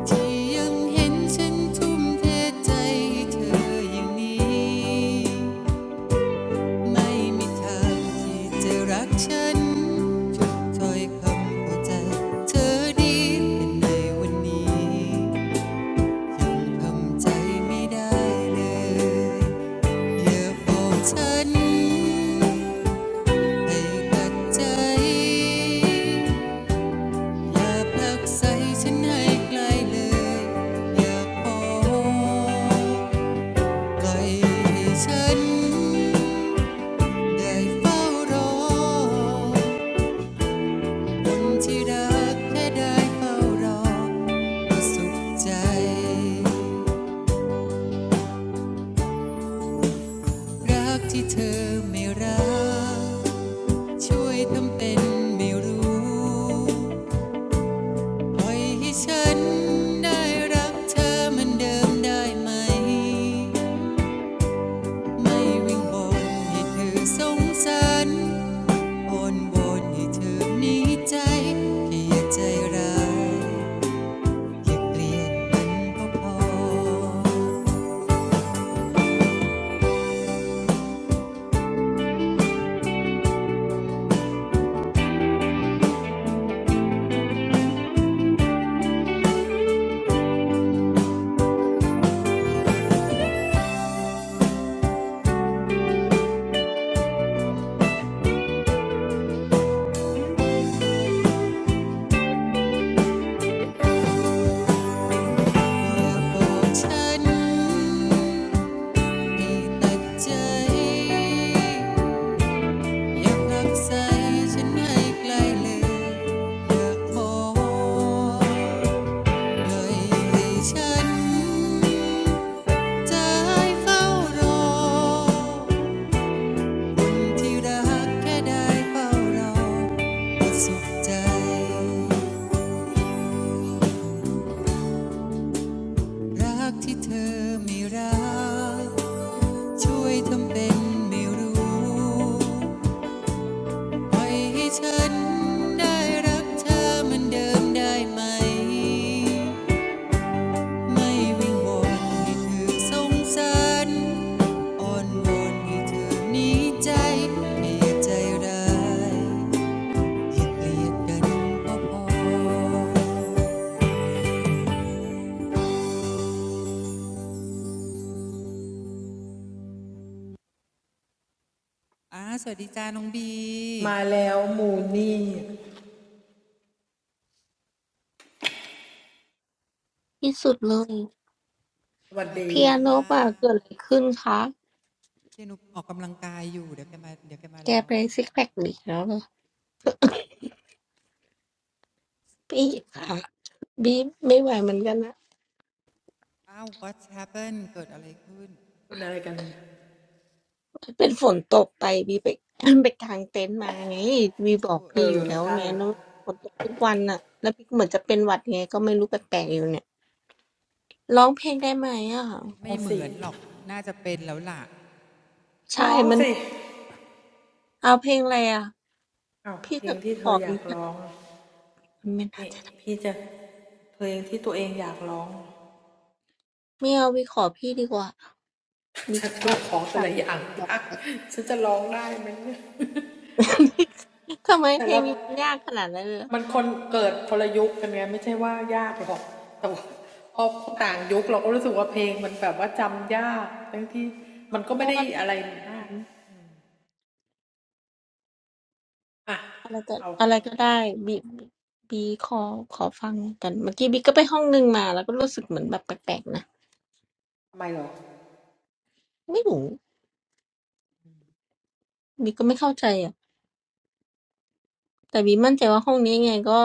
S1: ที่ยังเห็นฉันทุ่มเทใจให้เธออย่างนี้ ไม่มีทางที่จะรักฉันทุนถ้อยคำพอใจเธอดีเป็นในวันนี้ ทำใจไม่ได้เลยอย่าบอกฉันให้กัดใจ อย่าผลักใส่ฉันให้ไกลเลย อย่าบอกปล่อยให้ฉันได้เฝ้ารอคนที่รักแค่ได้เฝ้ารอก็สุขใจ รักที่เธอไม่รัก ช่วยทำเป็นไม่รู้ ปล่อยให้ฉันได้รักเธอเหมือนเดิมได้ไหม ไม่วิงวอนให้เธอสงสารออนวอนให้เธอหนีใจแค่อย่าใจร้ายอย่าเกลียดมันก็พออย่าโกรธฉันได้ตัดใจ อยากรับใส่ฉันให้ไกลเลยอยากขอเลยให้ฉันใจเฝ้ารอคนที่รักแค่ได้เฝ้ารอก็สุขใจรักที่เธอไม่รักช่วยทำเป็นไม่รู้ปล่อยให้ฉันได้รักเธอเหมือนเดิมได้ไหม ไม่วิงวนให้เธอสงสัรอ่อนวอนให้เธอหนีใจไม่ใจด้ายแคเลียดกันก็พอสวัสดีจ้าน้องบี
S4: ที่สุดเลย
S1: สวัส
S4: เปี
S1: ดี
S4: ยโน
S1: ค่ะ
S4: ป่ะเกิดอะไรขึ้นคะ
S1: เดี๋ยวหนุออกกำลังกายอยู่เดี๋ยวแกมาเดี๋ยวแกมา
S4: แก
S1: รอ
S4: ไปซิกแพคอีกแล้วเหรอพี่ค่ะบีไม่ไหวเหมือนกันนะ
S1: อ้าว what's happened เกิดอะไรขึ้น
S4: เป็นฝนตกไปบีไป ไปกางเต็นท์มาไงบีบอกพี่อยู่แล้วไงแล้วฝนตกทุกวันน่ะแล้วพี่เหมือนจะเป็นหวัดไงก็ไม่รู้แปลกๆอยู่เนี่ยร้องเพลงได้ไหมอ่ะ
S1: ไม่เหมือนหรอกน่าจะเป็นแล้วล่ะ
S4: ใช่มันเอาเพลงอะไรอ่ะพี่จะขอบีไม่น่าจะได้ไม่เอาบีขอพี่ดีกว่าบีจะอ้อนต่อไป ทำไมเพลงบีมันยากขนาดนั้นเลยเหรอ เพราะว่าอืมอะไรก็อะไรก็ได้บีบีขอขอฟังกันเมื่อกี้บีก็ไปห้องนึงมาแล้วก็รู้สึกเหมือนแบบแปลกๆนะไม่รู้บีก็ไม่เข้าใจอ่ะแต่บีมั่นใจว่าห้องนี้ยังไงก็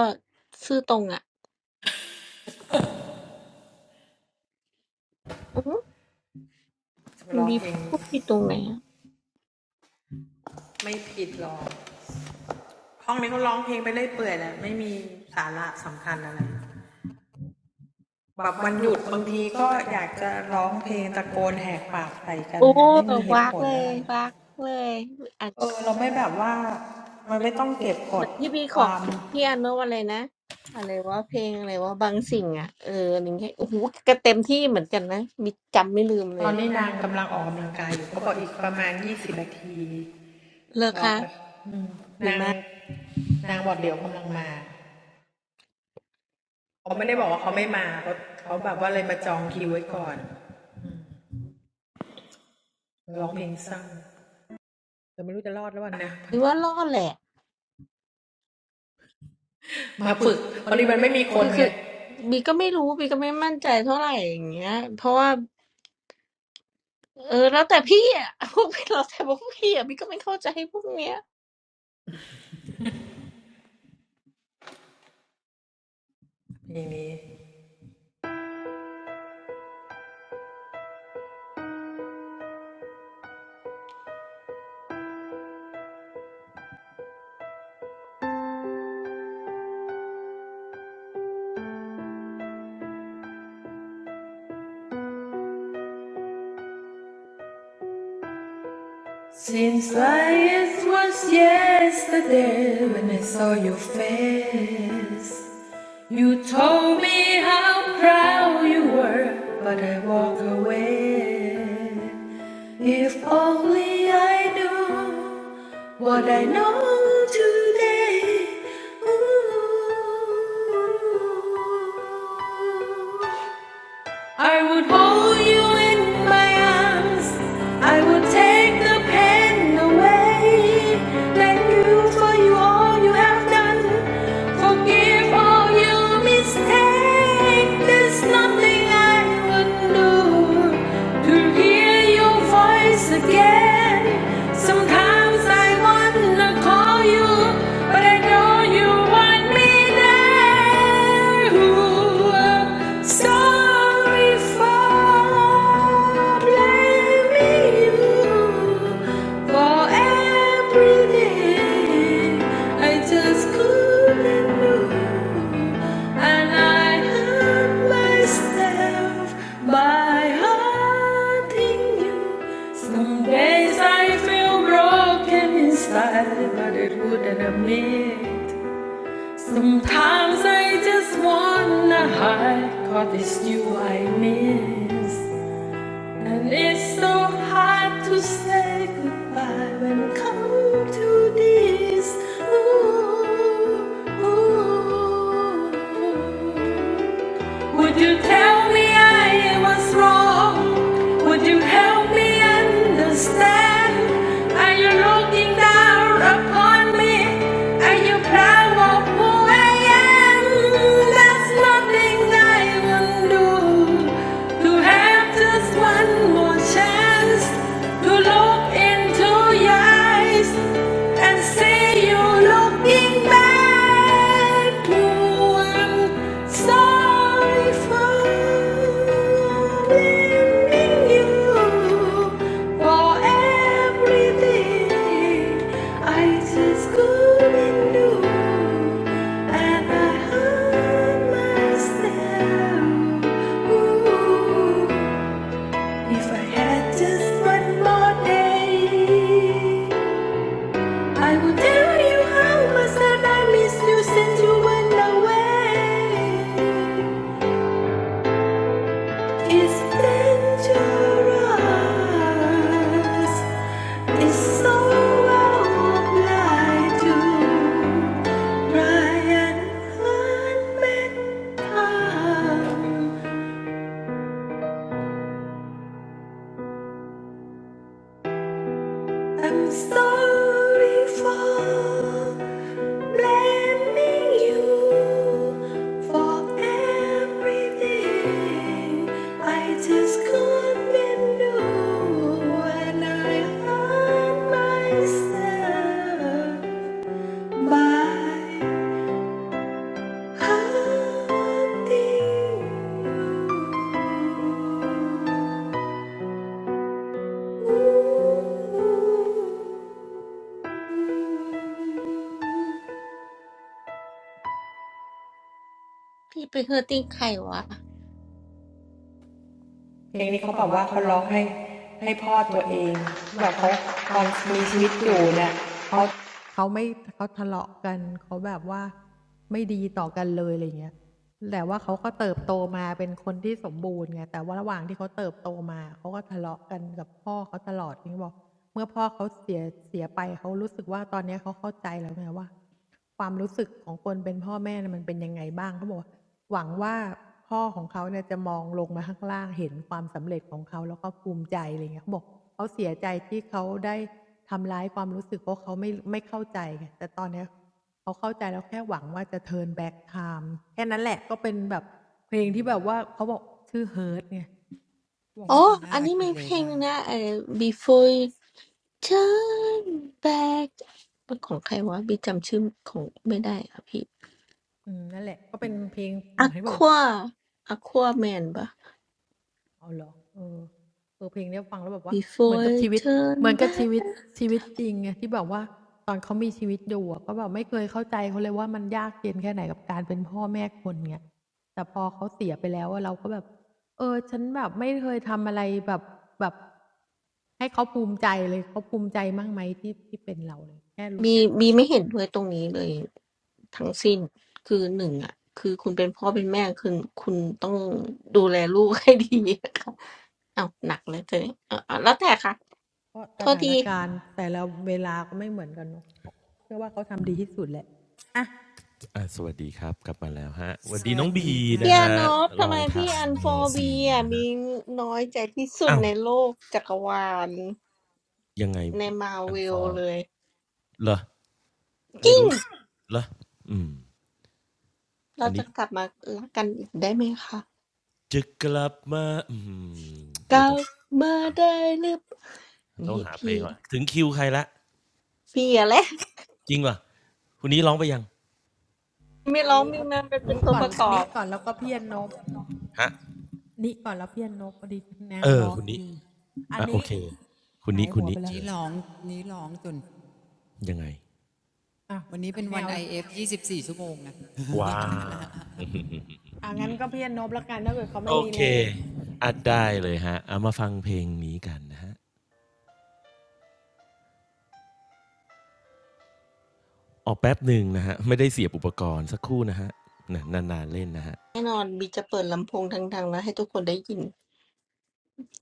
S4: ซื่อตรงอ่ะอืมบีพูดผิดตรงไหนอ่ะโอ้วากเลยวากเลยอ่านเหมือนเหมือนที่บีขอพี่อันเมื่อวันเลยนะอะไรว่าเพลงอะไรว่าบางสิ่งอ่ะเอออะไรเงี้ยโอ้โหก็เต็มที่เหมือนกันนะบีจำไม่ลืมเลยอะเลิกค่ะดีมาก บีว่ารอดแหละคือคือบีก็ไม่รู้บีก็ไม่มั่นใจเท่าไหร่อย่างเงี้ยเพราะว่าเออแล้วแต่พี่อ่ะพวกพี่เราแต่พวกพี่อ่ะบีก็ไม่เข้าใจพวกเนี้ย
S2: Mimi. Seems like it was yesterday when I saw your face. You told me how proud you were, but I walk away. If only I knew what I know today. Ooh. I would hold you in my arms. I would take the pain away. Thank you for you all you have done. Forgive all your mistakes. There's nothing I would do to hear your voice again. Sometimes I wanna call you, but I know you want me there. sorry for for everything. I just couldn't move, and I hurt myself by hurting you. Some days I feel broken inside, but it wouldn't admit. Sometimes I just wanna hide, 'cause it's you I miss. And it's so hard to say goodbye when it comes to this. Ooh, ooh. Would you tell me I was wrong? Would you help me understand? Are you looking down upon me? Are you proud of who I am? There's nothing I can do to have just one more chance to look into your eyes and See you looking back. You I'm sorry for blaming you for everything I just couldn't do, and I hurt myself. Ooh, if I had just one more day. I will tell you how much that I miss you since you went away. It's dangerous. It's so hard to try and unmake time. I'm sorry for blaming you for everything. I just couldn't do when I hurt myself by hurting you. Ooh.
S4: พี่ไปเฮอร์ติ้งใครวะ
S2: เพลงนี้เขาบอกว่าเขาร้องให้ให้พ่อตัวเองที่แบบเขาตอนมีชีวิตอยู่เนี่ย เขาไม่เขาทะเลาะกันเขาแบบว่าไม่ดีต่อกันเลยอะไรอย่างเงี้ยแต่ว่าเขาก็เติบโตมาเป็นคนที่สมบูรณ์ไงแต่ว่าระหว่างที่เขาเติบโตมาเขาก็ทะเลาะกันกับพ่อเขาตลอดอย่างที่บอกเมื่อพ่อเขาเสียเสียไปเขารู้สึกว่าตอนเนี้ยเขาเข้าใจแล้วไงว่าความรู้สึกของคนเป็นพ่อแม่เนี่ยมันเป็นยังไงบ้างเขาบอกว่าหวังว่าพ่อของเขาเนี่ยจะมองลงมาข้างล่างเห็นความสำเร็จของเขาแล้วก็ภูมิใจอะไรอย่างเงี้ยเขาบอกเขาเสียใจที่เขาได้ ทำร้ายความรู้สึกเพราะเขาไม่ไม่เข้าใจไงแต่ตอนเนี้ยเขาเข้าใจแล้วแค่หวังว่าจะ turn back time แค่นั้นแหละก็เป็นแบบเพลงที่แบบว่าเขาบอกชื่อ Hurt ไง
S1: คริ
S4: อ๋
S1: ส
S4: อ
S1: ติน่า
S4: อัน
S1: อา
S4: นี้
S1: กิ
S4: มี
S1: เล
S4: เพลงห
S1: ล่า
S4: นึงนะไอ้ Before You Turn Back เป็นของใครวะบีจำชื่อของไม่ได้อ่ะพี่
S2: อืมนั่น
S4: Aqua Aquaman ปะ Before You Turn Back บีบีไม่เห็นด้วยตรงนี้เลยทั้งสิ้นคือหนึ่งอ่ะคือคุณเป็นพ่อเป็นแม่คือคุณต้องดูแลลูกให้ดีนะคะ เอาวหนักเลยเธอเนี่ยเอาเอาแล้วแต่ค่ะโทษที
S3: อ่ะสวัสดีครับกลับมาแล้วฮะสวัส
S1: ส
S3: ดีน้
S1: วั
S3: อง
S1: ส
S3: บี
S1: ดี
S4: พี่
S1: ค่ะ
S3: นะ
S4: อา
S3: ฮะ
S4: นอบ
S3: ล
S4: ทำ
S3: อ
S4: ไม
S3: งทา
S4: พี่
S3: ง
S4: อันฟ
S3: โน
S4: อร์บี
S3: ซี
S4: อ่ะ
S3: นะฮะ
S4: มีน้อยใจที่สุด
S3: อ้าว
S4: ในโลกจักรวาล
S3: ยังไง
S4: ในมา
S3: อั
S4: เว
S3: นฟ
S4: ล
S3: อร์
S4: เลย
S3: เหรอ
S4: จ
S3: ไม่
S4: ริง
S3: รู้เหรออืม
S4: เรา
S3: อัน
S4: จะ
S3: นี้
S4: กลับมารักกันอีกได้ไหมคะ
S3: จะกลับมาอืม
S4: ก
S3: เดี๋ยว
S4: ลั
S3: ต้อง
S4: บมา
S3: หา
S4: ได้หรือเปล่า
S3: ต้อ
S4: นี่
S3: งหาเพล
S4: พี่
S3: งก่อนถึงคิวใครละ
S4: พี่อะไร
S3: จริงป่ะคุณนี้ร้องไปยัง
S4: มีร้องมีมาเป็นเป็นตัวประกอบ
S3: ฮะเออคุณนี้อ่ะโอเคคุณนี้คุณนี้
S1: นี้
S3: เชิญ
S1: ร้องนี้ร้องจน
S3: ยังไง
S1: วันนี้เป็นวันไอเอฟยี่สิบส24ชั่วโมงนะ
S3: ว้า
S1: เอ
S3: โอ
S1: อพี่
S3: เค
S1: อโน
S3: อัดได้เลยฮะเอามาฟังเพลงนี้กันนะฮะออกแป๊บหนึ่งนะฮะไม่ได้เสียบอุปกรณ์สักครู่นะฮะนานๆเล่นนะฮะ
S4: แน่นอนบีจะเปิดลำโพงดังๆแล้วให้ทุกคนได้ยิน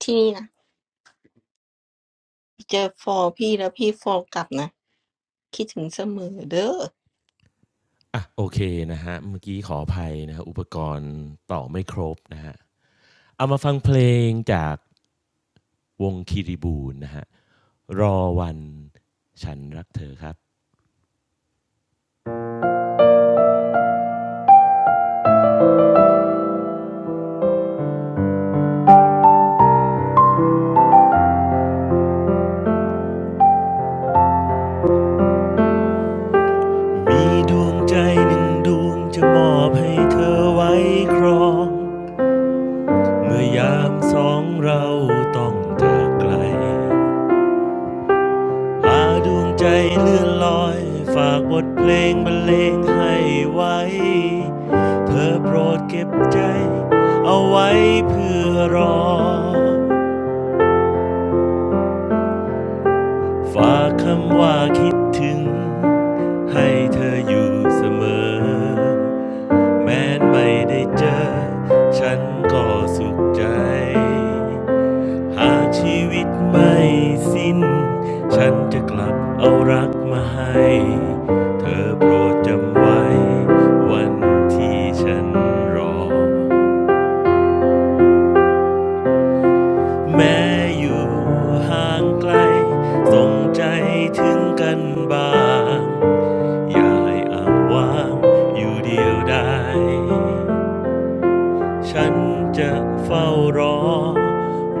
S4: ที่นี่นะบีเจอฟอร์พี่แล้วพี่ฟอร์กลับนะคิดถึงเสมอเด้อ
S3: อ่ะโอเคนะฮะเมื่อกี้ขออภัยนะฮะอุปกรณ์ต่อไม่ครบนะฮะเอามาฟังเพลงจากวงคีริบูนนะฮะรอวันฉันรักเธอครับ มีดวงใจหนึ่งดวงจะมอบให้เธอไว้ครองเมื่อยามสองเราต้องจากไกลพาดวงใจเลื่อนลอยฝากบทเพลงบรรเลงให้ไว้เธอโปรดเก็บใจเอาไว้เพื่อรอฝากคำว่าคิดถึงให้เธออยู่เสมอ แม้ไม่ได้เจอฉันก็สุขใจ หากชีวิตไม่สิ้นฉันจะกลับเอารักมาให้เธอโปรดจำไว้วันที่ฉันรอแม้อยู่ห่างไกลส่งใจถึงกันบ้างอย่าให้อ้างว้างอยู่เดียวได้ ฉันจะเฝ้ารอ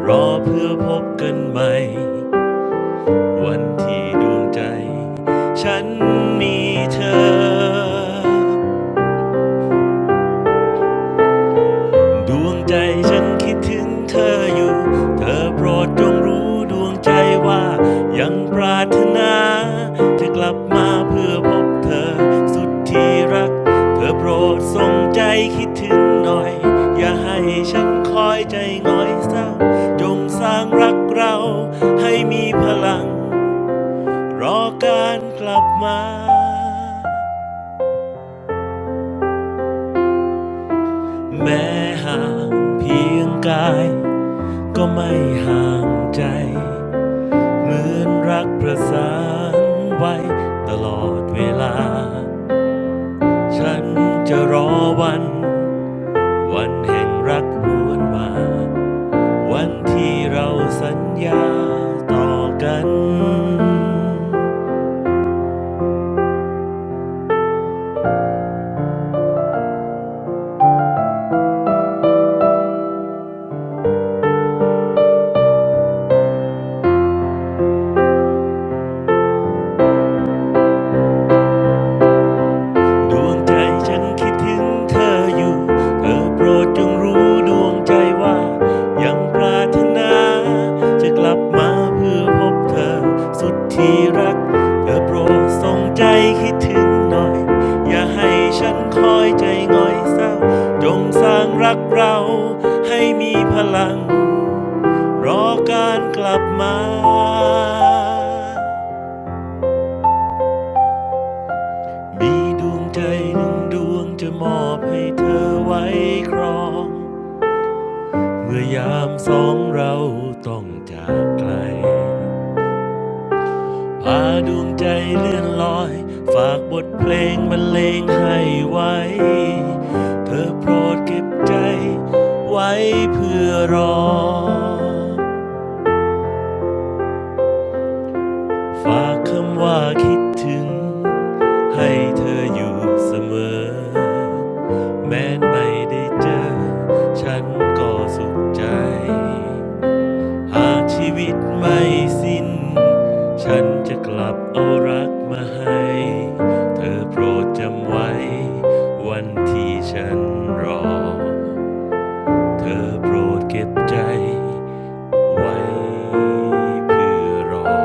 S3: รอเพื่อพบกันใหม่วันที่ดวงใจฉันมีเธอ ดวงใจฉันคิดถึงเธออยู่เธอโปรดจงรู้ดวงใจว่ายังปรารถนาจะกลับมาเพื่อพบเธอสุดที่รัก เธอโปรดส่งใจคิดถึงหน่อย อย่าให้ฉันคอยใจง่อยเศร้าจงสร้างรักเราให้มีพลังรอการกลับมาแม้ห่างเพียงกาย ก็ไม่ห่างใจเหมือนรักประสานไว้ตลอดเวลาฉันจะรอวันวันแห่งรักรวนมาวันที่เราสัญญาต่อกัน ดวงใจฉันคิดถึงเธออยู่เธอโปรดจงรู้ดวงใจว่ายังปรารถนาจะกลับมาเพื่อพบเธอสุดที่รักเธอโปรดสงใจคิดถึงหน่อย อย่าให้ฉันคอยใจง่อยเศร้า จงสร้างรักเราให้มีพลังรอการกลับมา มีดวงใจหนึ่งดวงจะมอบให้เธอไว้ครองเมื่อยามสองเราต้องจากไกลพาดวงใจเลื่อนลอยฝากบทเพลงบรรเลงให้ไว้เธอโปรดเก็บใจไว้เพื่อรอ ฝากคำว่าคิดถึงให้เธออยู่เสมอแม้ไม่ได้เจอฉันก็สุขใจหากชีวิตไม่สิ้นฉันจะกลับเอารักมาให้เธอโปรดจำไว้วันที่ฉันรอเธอโปรดเก็บใจไว้เพื่อรอ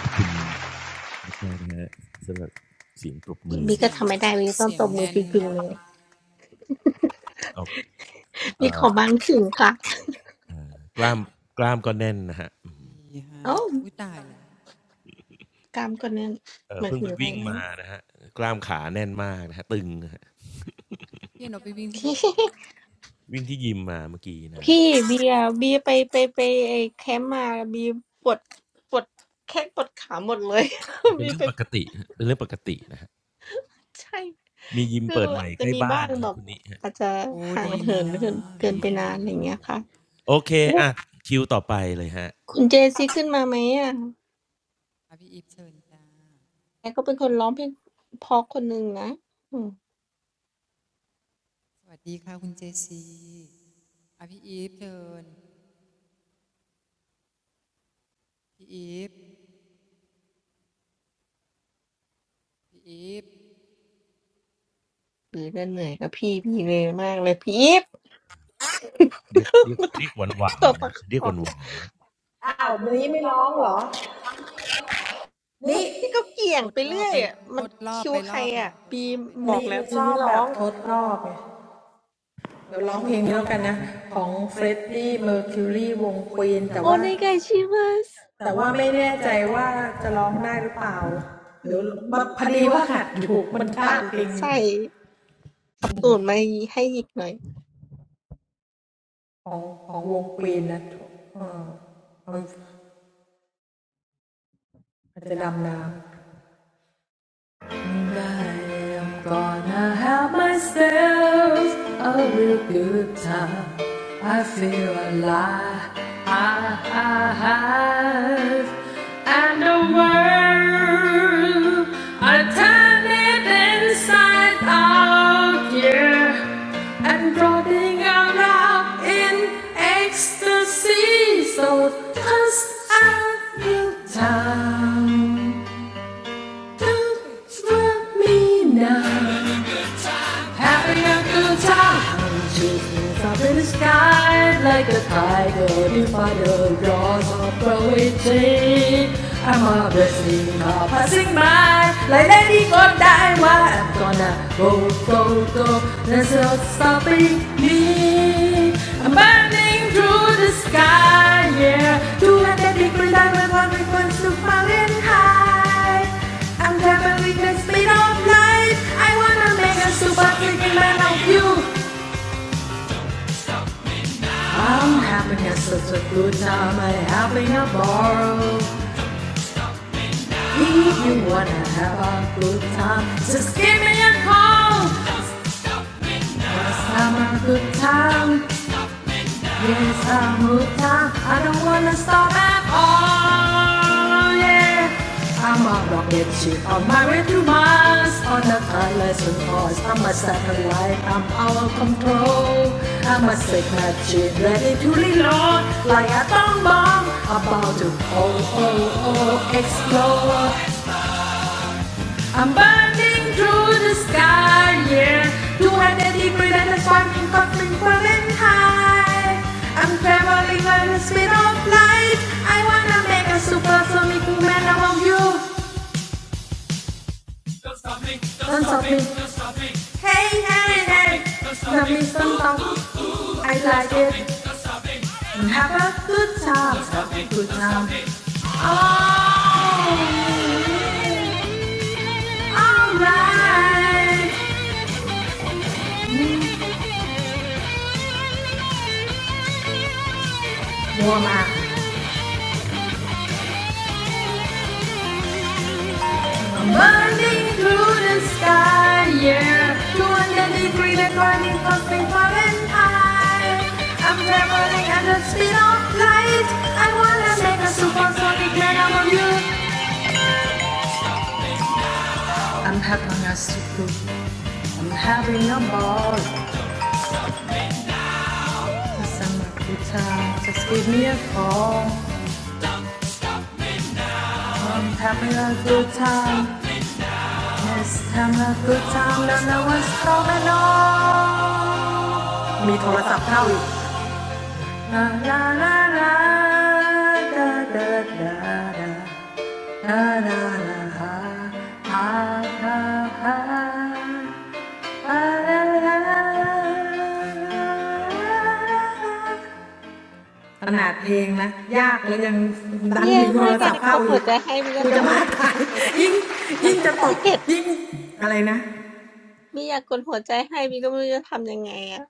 S3: ขอบคุณ มากมาๆนะฮะสำหรับเสียงปรบมือ
S4: บี
S1: เสี
S4: ก็
S1: ยง
S4: ทำไม่ได้บีต้อง
S1: เสีย
S4: ต
S1: ง
S4: บมือ
S1: แน่
S4: จ
S1: น
S4: ริง
S1: มา
S4: ๆเล
S1: ก
S4: ย
S3: ออก
S4: บีขอบางสิ่งค่ะ
S3: กล้ามกล้ามก็แน่นนะฮะ
S1: ดีฮะ
S4: เอ้า
S1: อุ้ยตายแล้ว
S4: กามก่อนเนี่ย
S3: เอ
S4: ห
S3: อ
S4: มาย
S3: เพิ่ง
S4: ถึ
S3: ไป
S4: งอะไร
S3: วิ่ง
S4: แล้ว
S3: มานะฮะกล้ามขาแน่นมากนะฮะตึงนะฮะ
S1: พี่แอโนไปวิ่งที่ไหน
S3: วิ่งที่ยิมมาเมื่อกี้นะฮะ
S4: พี่เบียร์เบียร์ไปไปไปไอ้แคมป์มาเบียร์ปวดปวดแข้งปวดขาหมดเลย
S3: เอา เป็น
S4: มี
S3: เรื่
S4: ไป
S3: องปกตินะฮะเป็นเรื่องปกตินะฮะ
S4: ใช่
S3: มียิม
S4: คือ
S3: เปิดให
S4: อา
S3: ม่
S4: จจะ
S3: ใกล้
S4: มี
S3: บ้า
S4: บ้า
S3: น
S4: ง
S3: นะ
S4: แบ
S3: ฮะ
S4: บ
S3: คุณนิฮะ
S4: อาจจะ
S1: โอ้
S4: ห่าง
S1: ดี
S4: เหิ
S1: นะ
S4: นเกินเกิ
S3: ดี
S4: น
S1: ดี
S4: ไป
S3: มาก
S1: จัง
S3: ดี
S4: นาน
S1: เล
S4: อะ
S3: งา
S4: ไรอ
S3: ม
S1: ย
S4: ย่าง
S3: ดี
S4: เงี้ย
S3: งา
S4: ค่ะ
S3: มโอเค
S4: โอ้
S3: อ่ะคิวต่อไปเลยฮะ
S4: คุณเจ
S1: พี่
S4: ซี
S1: อี
S4: ขึ้นมา
S1: ฟ
S4: ไหมอ่ะ
S1: อ่ะพี่อีฟเชิญจ้า
S4: แกก็เป็นคนร้องเพลงเพอคนหนึ่งนะอืม
S1: สวัสดีค่ะคุณเจซีอ่ะพี่อีฟเชิญ พี่อีฟ พี่อีฟ
S4: หรือจะเหนื่อยกับพี่พี่เลยมากเลยพี่อีฟ
S3: เรียกเรียก เรียกหวานหวา
S4: ต
S3: น
S4: บ
S3: ๆนะ
S4: ปาก
S3: ฮะเรีย
S4: บ
S3: กห
S4: อก
S3: วานหวาน
S4: พี่ก็เกี่ยง
S1: ทด
S4: ไป
S1: รอ
S4: เรื่
S1: บ
S4: อย
S1: ไป
S4: อ่ะ
S1: ท
S4: มัน
S1: ดรอบ
S4: คิว
S1: ไป
S4: ใค
S1: ร
S4: ร
S1: อบห
S4: อ่ะ
S1: นึ่งท
S4: บี
S1: ดรอ
S4: ม
S1: บไปร
S4: บ
S1: อ
S4: อ
S1: บ
S4: ก
S1: ห
S4: แล้
S1: นึ่
S4: ว
S1: ง
S4: บีมไม่ร้อง
S1: ทดไปรอบหนึ่ง
S4: โอเนไกาชิมัสอืมมันใส่เหมือนใส่
S2: ถูกมันคือของของวง
S4: อับตูนมาให้หยิกหน่อย
S2: Queen นะถูกเออมันจะดำน้ำ And I am gonna have myself a real good time. I feel alive. And the world, I turn it inside out, yeah. And running around in ecstasy. So, cause I'm real time. Don't stop me now. Having a good time. chasing up in the sky like a tiger. You find the jaws of poetry. I'm a blessing, a passing by. Like Lady Godiva, I'm gonna go, go, go. There's no stopping me. I'm burning through the sky, yeah. 200 degree diamond, one request to mountain high. I'm traveling the speed of light. I wanna make a super freaking man of you. I'm having a such a good time. I'm having a ball. If you wanna have a good time, just give me a call. Let's have a good time. Yes, I'm hooked on. I don't wanna stop at all. Yeah, I'm a rocket ship on my way to Mars. On the timeless and I'm a satellite. I'm out of control. I'm a sick mad ship ready to reload like a bomb bomb about to oh oh oh explode. I'm burning through the sky, yeah. 200 degrees and it's warming, coming, coming high. I'm traveling on the speed of light. I wanna make a super sonic man of you. Don't stop me. Hey, hey, hey. Stop me, don't stop. I like it. Have a good time. Stop me, good time. Oh. Alright. Warm up. Burning through the sky, yeah. 200 degrees, the burning something Fahrenheit. I'm traveling at the speed of light. I wanna make a supersonic man out of you. I'm having a super, I'm having a ball. The a good time, just give me a call. I'm having a good time. This time a good time, don't know what's coming on. มีโทรศัพท์เข้าอีก La la la la da da da da la la la ha ha ha ha la la la.
S4: แย่มากอะกกดหัวใจให้บีก็ทำไม่ได้เป็อะมันอัปเดตบีอยากกดหัวใจให้บีก็ไม่รู้จะทำยังไงอ่ะ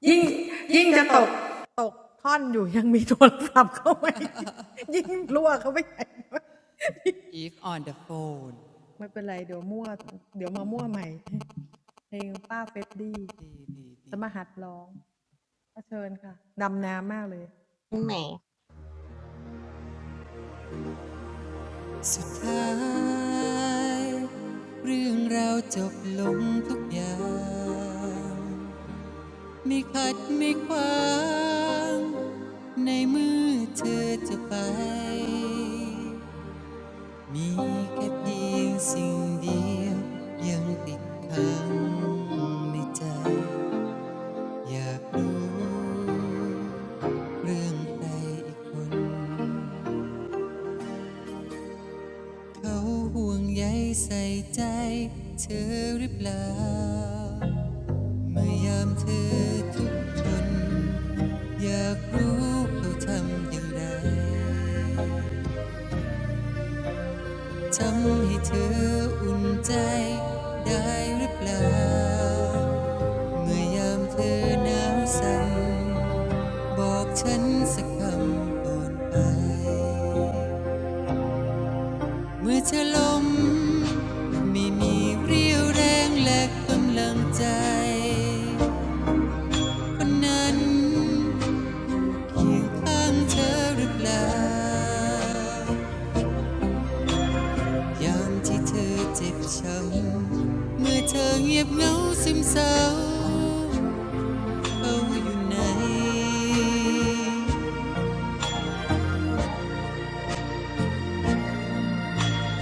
S1: อีฟ on the phone ดี
S4: ยังไง
S1: สุดท้ายเรื่องเราวจบลงทุกอย่างไม่ขัดไม่ขวางในเมื่อเธอจะไปมีแค่เพียงสิ่งเดียวยังติดค้างในใจอยากรู้เรื่องใครอีกคนเขาห่วงใยใส่ใจเธอหรือเปล่า เมื่อยามเธอทุกคทนอยากรู้เขาทำอย่างไรทำให้เธออุ่นใจได้หรือเปล่าเมื่อยามเธอหนาวสั่นบอกฉันสักคำก่อนไปเมื่อเธอล้มไม่มีเรี่ยวแรงและกำลังใจคนนั้น อยู่ข้างเธอหรือเปล่ายามที่เธอเจ็บช้ำเมื่อเธอเงียบเหงาซึมเศร้าเขาอยู่ไหน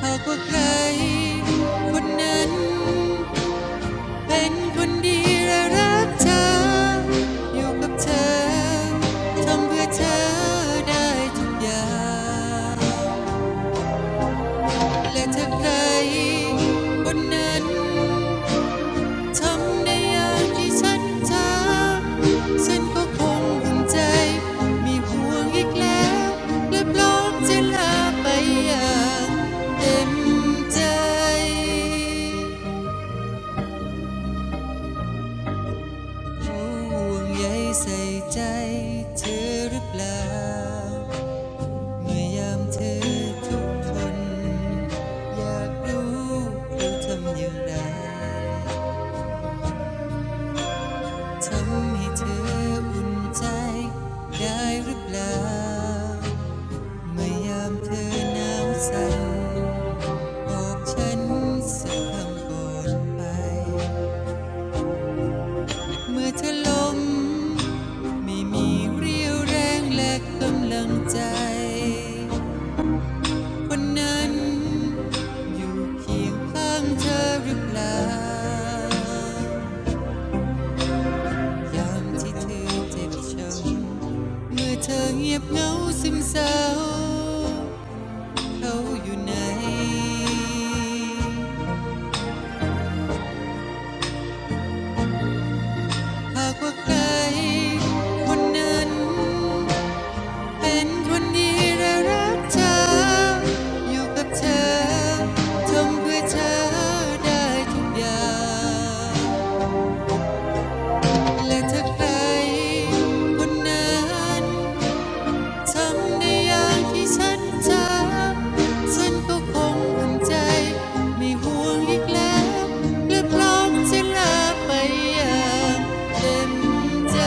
S1: หากว่าใครคนนั้นเป็นคนดีและรักเธออยู่กับเธอทำเพื่อเธอได้ทุกอย่างและถ้าใครคนนั้น ทำได้อย่างที่ฉันทำฉันก็คงอุ่นใจมีห่วงอีกแล้วและพร้อมจะลาไปอย่างเต็มใจห่วงใยใส่ใจเธอหรือเปล่าเมื่อยามเธอทุกคนอยากรู้เราทำอย่างไร ทำให้เธออุ่นใจได้หรือเปล่าเมื่อยามเธอหนาวสั่นบอกฉันสักคำก่อนไปเมื่อเธอล้มไม่มีเรี่ยวแรงและกำลังใจคนนั้นอยู่เคียงข้างเธอหรือเปล่า ยามที่เธอเจ็บช้ำเมื่อเธอเงียบเหงาซึมเศร้าเขาอยู่ไหนหากว่าใครคนนั้นเป็นคนดีและรักเธออยู่กับเธอทำเพื่อเธอได้ทุกอย่างและถ้าใครคนนั้น ทำในยามที่ฉันจำฉันก็คงอุ่นใจไม่ห่วงอีกแล้วและพร้อมจะลาไปอย่างเต็มใจ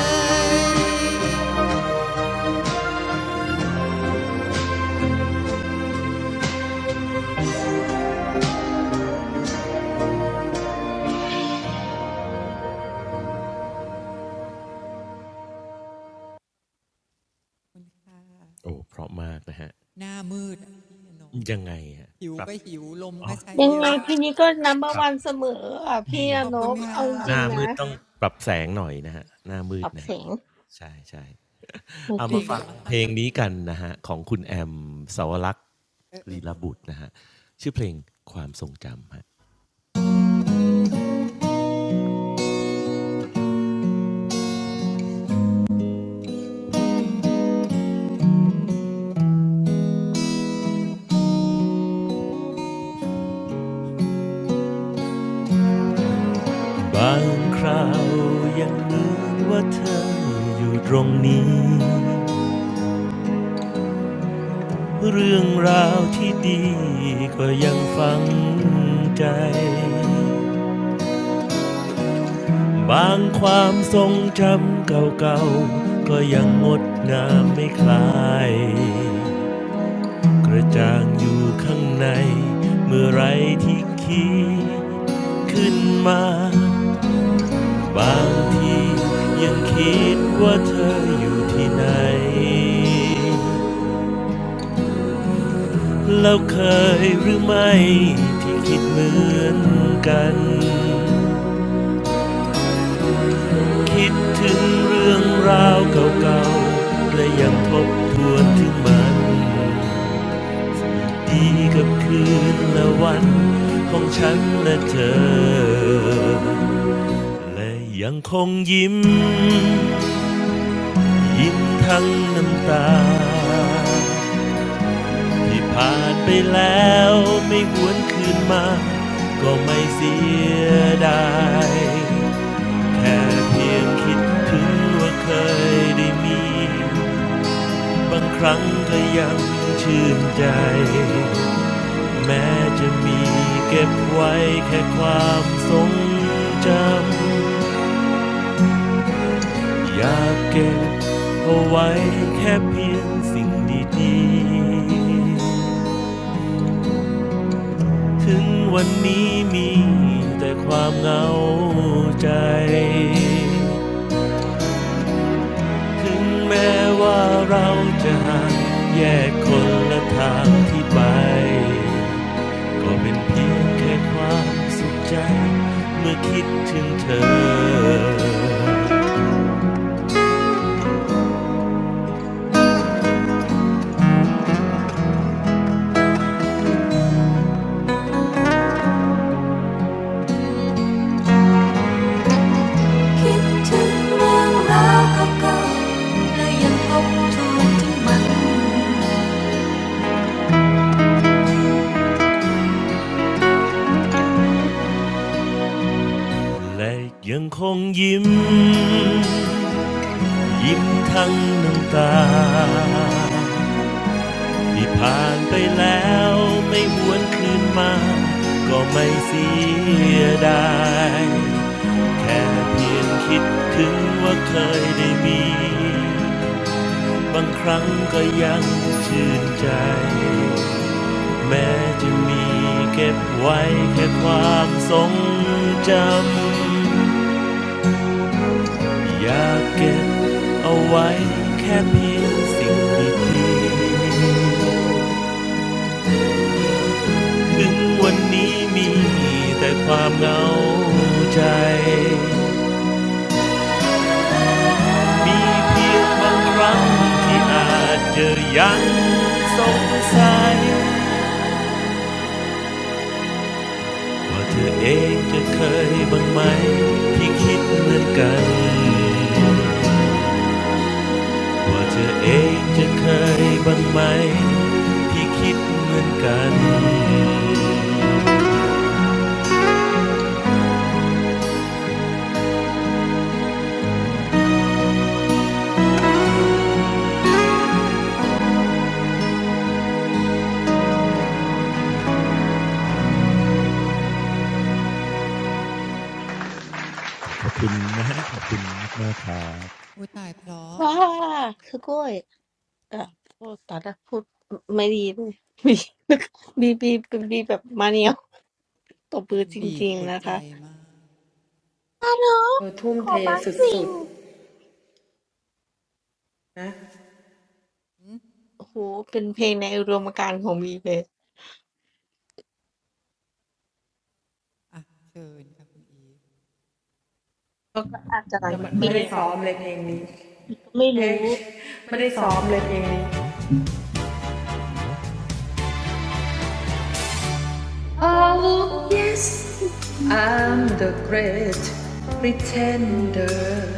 S3: ๆโอ้เพราะมากนะฮะ
S1: หน้ามืด
S3: ยังไงฮะ
S1: หิว
S3: ปรับ
S1: ก็หิว ลม
S3: อ๋อ
S1: ก็ใช้
S4: ยัง
S1: เย
S4: ไง
S1: อะ
S4: พี่นี้ก็นัมเบอ
S3: ป
S4: ร์
S3: รับ
S4: วันเสมออ่ะพี่
S3: นี่
S1: ข
S4: อา
S1: อ
S3: ไง
S1: บ
S4: น
S1: คุณ
S4: พ
S1: ค่ะ
S4: เอาจ
S3: ห
S4: ริง
S3: น้า
S4: ๆ
S3: มื
S4: นะ
S3: ดต้องปรับแสงหน่อยนะครับหน้ามื
S4: ต
S3: ด
S4: อบ
S3: นะครั
S4: เสี
S3: บ
S4: ยง
S3: ใช่ใช่
S4: หมาย
S3: เอา
S4: ถึ
S3: มา
S4: ง
S1: เบ่ง
S3: ฟัง
S1: มา
S3: เพ
S1: ก
S3: ลงนี้กันนะฮะของคุณแอมสาวรักษ์ลีลาบุตรนะฮะชื่อเพลงความทรงจำฮะบบางคราวยังนึกว่าเธออยู่ตรงนี้เรื่องราวที่ดีก็ยังฝังใจบางความทรงจำเก่าๆก็ยังงดงามไม่คลาย กระจ่างอยู่ข้างในเมื่อไรที่คิดขึ้นมาบางทียังคิดว่าเธออยู่ที่ไหนแล้วเคยหรือไม่ที่คิดเหมือนกันคิดถึงเรื่องราวเก่าๆและยังทบทวนถึงมัน ดีกับคืนและวันของฉันและเธอ และยังคงยิ้มยิ้มทั้งน้ำตาที่ผ่านไปแล้วไม่หวนคืนมาก็ไม่เสียดายแค่เพียงคิดถึงว่าเคยได้มีบางครั้งก็ยังชื่นใจ แม้จะมีเก็บไว้แค่ความทรงจำอยากเก็บเอาไว้แค่เพียงสิ่งดีๆถึงวันนี้มีแต่ความเหงาใจถึงแม้ว่าเราจะห่างแยกคนละทางที่ไป ก็เป็นเพียงแค่ความสุขใจเมื่อคิดถึงเธอคิดถึงเรื่องราวเก่าๆและยังทบทวนถึงมัน และยังคงยิ้มยิ้มทั้งน้ำตา ที่ผ่านไปแล้วไม่หวนคืนมาก็ไม่เสียดายแค่เพียงคิดถึงว่าเคยได้มีบางครั้งก็ยังชื่นใจแม้จะมีเก็บไว้แค่ความทรงจำอยากเก็บเอาไว้แค่เพียงสิ่งดีๆ ถึงวันนี้มีแต่ความเหงาใจมีเพียงบางครั้งที่อาจเจอยังสงสัยว่าเธอเองจะเคยบ้างไหมที่คิดเหมือนกันว่าเธอเองจะเคยบ้างไหมที่คิดเหมือนกันขอบคุณนะฮะขอบคุณมากครับ
S1: อุ้ตายเพราะ
S4: ว้าคือกล้วยเออพูดตอนแรกพูดไม่ดีเลย บีบีบีเป็นบีแบบมาเนียวตบ
S1: เพล
S4: มือ
S1: ง
S4: จ
S1: บีบ
S4: ริง
S1: ปว
S4: ๆ
S1: ด
S4: นะ
S1: ใจ
S4: คะ
S1: มาก
S4: อานพขอบางสิ่ง
S2: เธอทุ่มเทสุดๆ
S4: โอ้โหเป็นเพลงในอุดมการณ์ของบีเลย
S1: อ่ะเชิญครับ
S4: แล้วก็อาจจะหลังจากพี่ ก็ไม่รู้
S2: Oh yes I'm the great pretender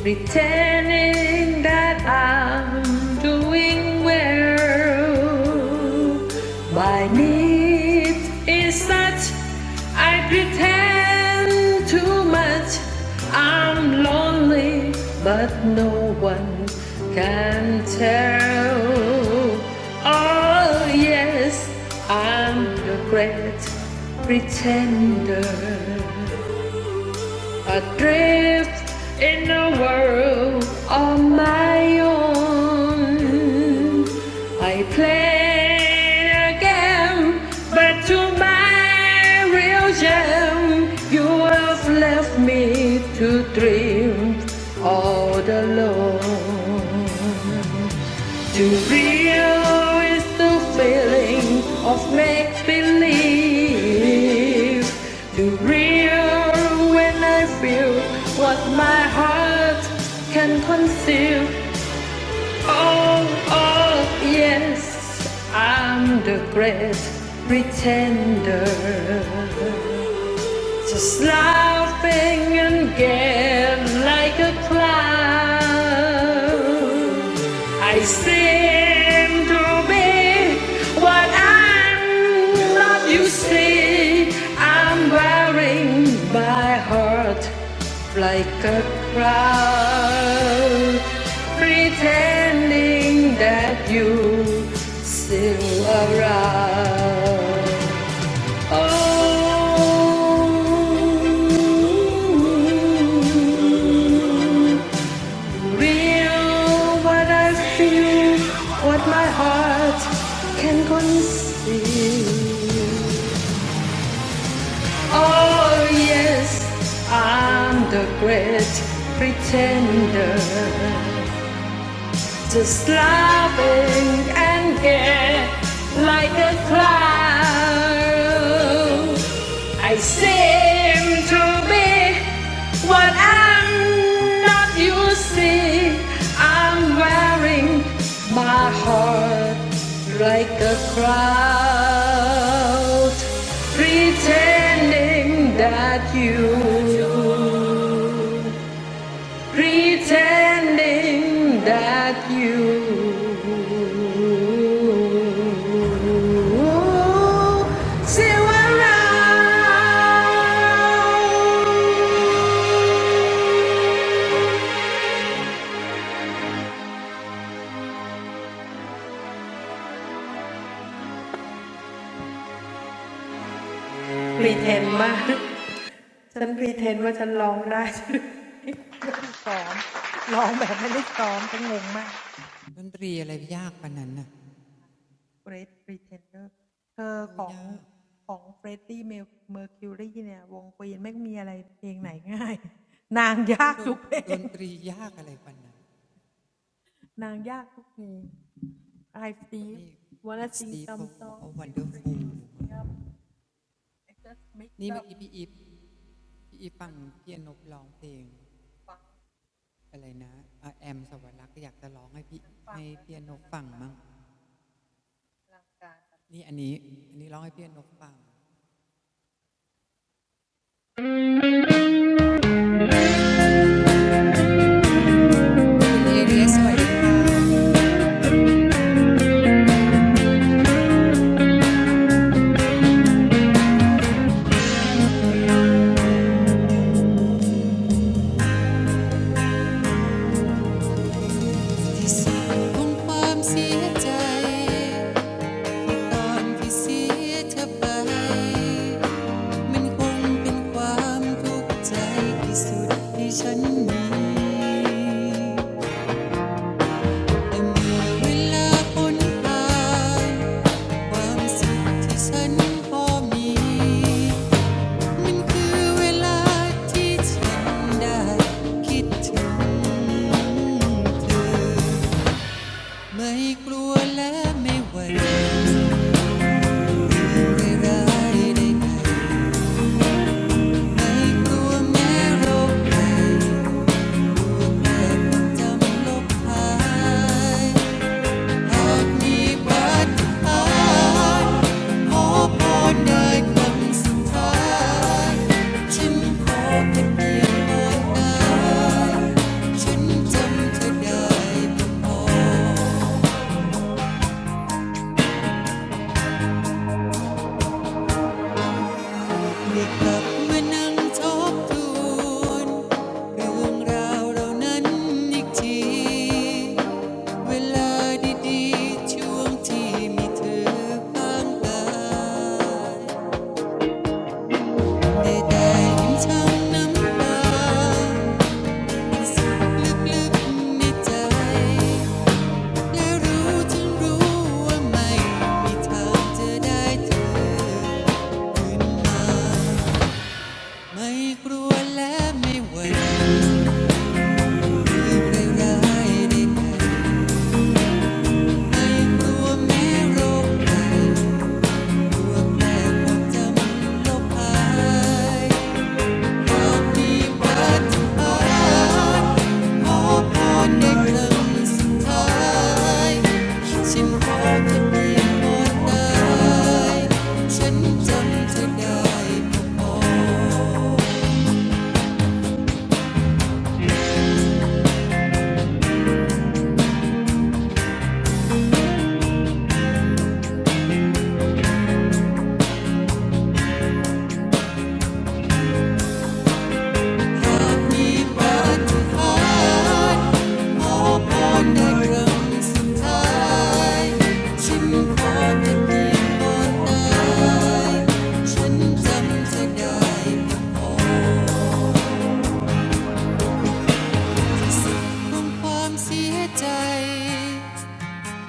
S2: Pretending that I'm doing well. My need is such, I pretend too much. I'm lonely, but no one can tell. Oh, yes, I'm the great pretender. Adrift in a world on my own. I play a game, but to my real shame, you have left me to dream all alone. To real is the feeling of make believe. To real when I feel what my heart can conceal. Oh, oh, yes, I'm the great pretender. Just laughing and get like a clown. I seem to be what I'm not, you see. I'm wearing my heart like a crown, pretending that you still around. Oh, real what I feel, what my heart can conceive. Oh, yes, I'm the great pretender, just laughing and gay like a clown. I seem to be what I'm not you see. I'm wearing my heart like a crowd, pretending that you Pretending that you still around.
S1: ดนตรีอะไรยากปานนั้นน่ะโอ้ยาก โอ้ดนดนตรียากอะไรปานนั้น นี่คุณสตีฟเขาบอกว่าวันเดอร์ฟูลมากนี่เมื่อกี้พี่อีฟพี่อีฟฟังพี่อนบร้องเพลงอะไรนะอ่ะแอมสวรรค์อยากจะร้องให้พี่ให้พี่อนบฟังมั้งนี่อันนี้อันนี้ร้องให้พี่อนบฟังคุณเอเรียสวัสดีค่ะที่สุดของความเสียใจตอนที่เสียเธอไปมันคงเป็นความทุกข์ใจที่สุดที่ฉันมี แต่เมื่อเวลาคนหาความสุขที่ฉันพอมี มันคือเวลาที่ฉันได้คิดถึงเธอ ไม่กลัวและไม่หวั่นไปร้ายใดไม่กลัวแม้โรคจะจำลบหาย หากมีปัญหาขอพอได้คำสุดท้ายฉันขอเป็นเพียวพาน้ฉันจำเธอได้ก็พอื่อกลับมานั่งทบทวนเรื่องราวเรานั้นอีกทีเวลาดีๆช่วงที่มีเธอข้างกาย แต่ได้ยิ้มช้ำน้ำตาสุดลึกกในใจและรู้ฉันรู้ว่าไม่มีทางจะได้เธอมา ไม่กลัวและไม่หวั่ืใไรร้ายใดๆไม่กลัวแม้โรคภักลัวแต่ความจำลบหา ฉันรอเธอเพียงหมดใฉันจำเธได้ก็พอหากมีปาฏิหายขอพรในครสุดท้ายฉันขอเธอเียงหมดใฉันจำเธได้ ของความเสียใจ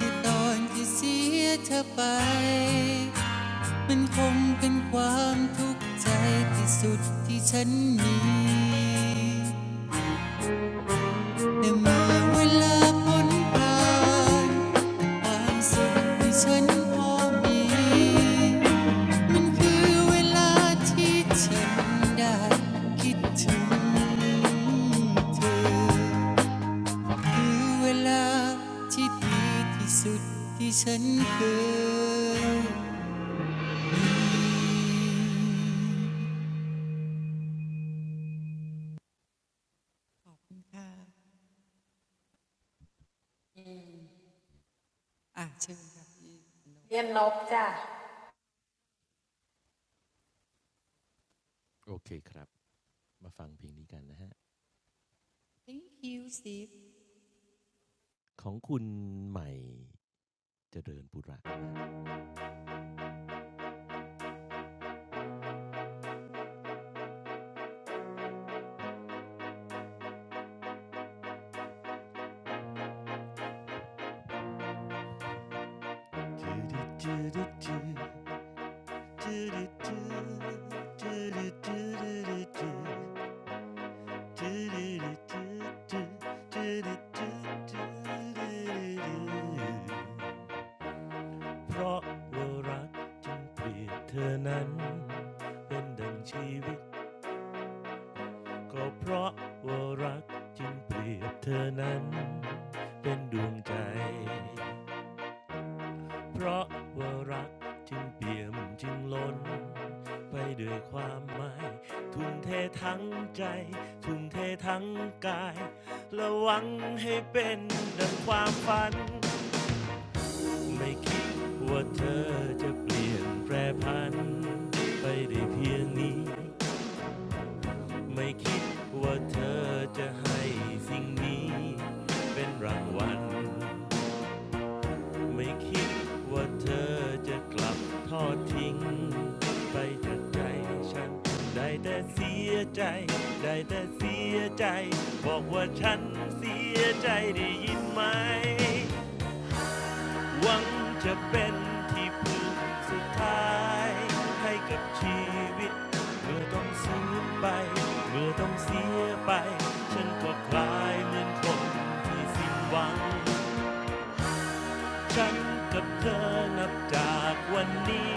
S1: ที่ตอนที่เสียเธอไป มันคงเป็นความทุกข์ใจที่สุดที่ฉันมีแต่เมื่อเวลาพ้นไปาความสุขที่ฉันพอมี มันคือเวลาที่ฉันได้คิดถึงเธอ คือเวลาที่ดีที่สุดที่ฉันเคยค่ะอ่ะเชิญครับ
S3: โอเคครับมาฟังเพลงนี้กันนะฮะ
S1: Thank you Steve
S3: ของคุณใหม่เจริญปุระเพราะว่ารักจึงเปลี่ยนเธอนั้นเป็นดังชีวิตก็เพราะว่ารักจึงเปลี่ยนเธอนั้นเป็นดวงใจ เพราะว่ารักจึงเปี่ยมจึงล้นไปด้วยความหมายทุ่มเททั้งใจทุ่มเททั้งกายและหวังให้เป็นดังความฝันไม่คิดว่าเธอจะเปลี่ยนแปรพันไปได้เพียงนี้ไม่คิดว่าเธอจะให้สิ่งนี้เป็นรางวัล ไม่คิดว่าเธอจะกลับทอดทิ้งไปจากใจฉันได้แต่เสียใจได้แต่เสียใจบอกว่าฉันเสียใจได้ยินไหมหวังจะเป็นที่พึ่งสุดท้ายให้กับชีวิตเมื่อต้องสูญไปเมื่อต้องเสียไปฉันก็คลายเหมือนคนที่สิ้นหวัง ฉันกับเธอนับจากวันนี้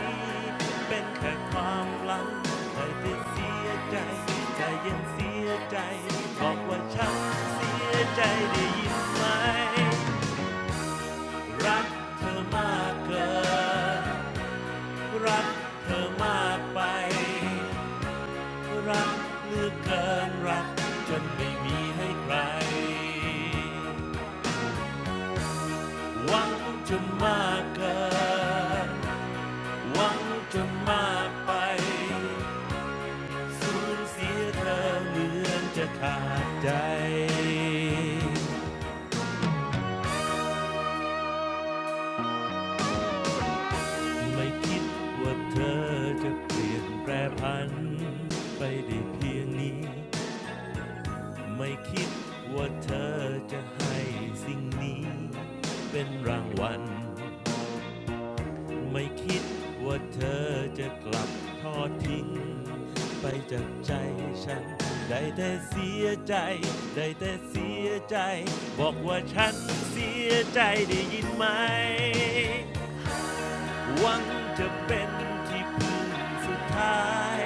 S3: เป็นแค่ความหลังคอยแต่เสียใจใจยังเสียใจบอกว่าฉันเสียใจได้ยินไหมรักเธอมากเกินรักเธอมากไปรักเหลือเกินรักจนไม่มีให้ใครหวังจนมากเกิน หวังจะมากไปสูญเสียเธอเหมือนจะขาดใจไม่คิดว่าเธอจะเปลี่ยนแปรพันไปได้เพียงนี้ไม่คิดว่าเธอจะให้สิ่งนี้เป็นรางวัล ไม่คิดว่าเธอจะกลับทอดทิ้งไปจากใจฉันได้แต่เสียใจได้แต่เสียใจบอกว่าฉันเสียใจได้ยินไหมหวังจะเป็นที่พึ่งสุดท้าย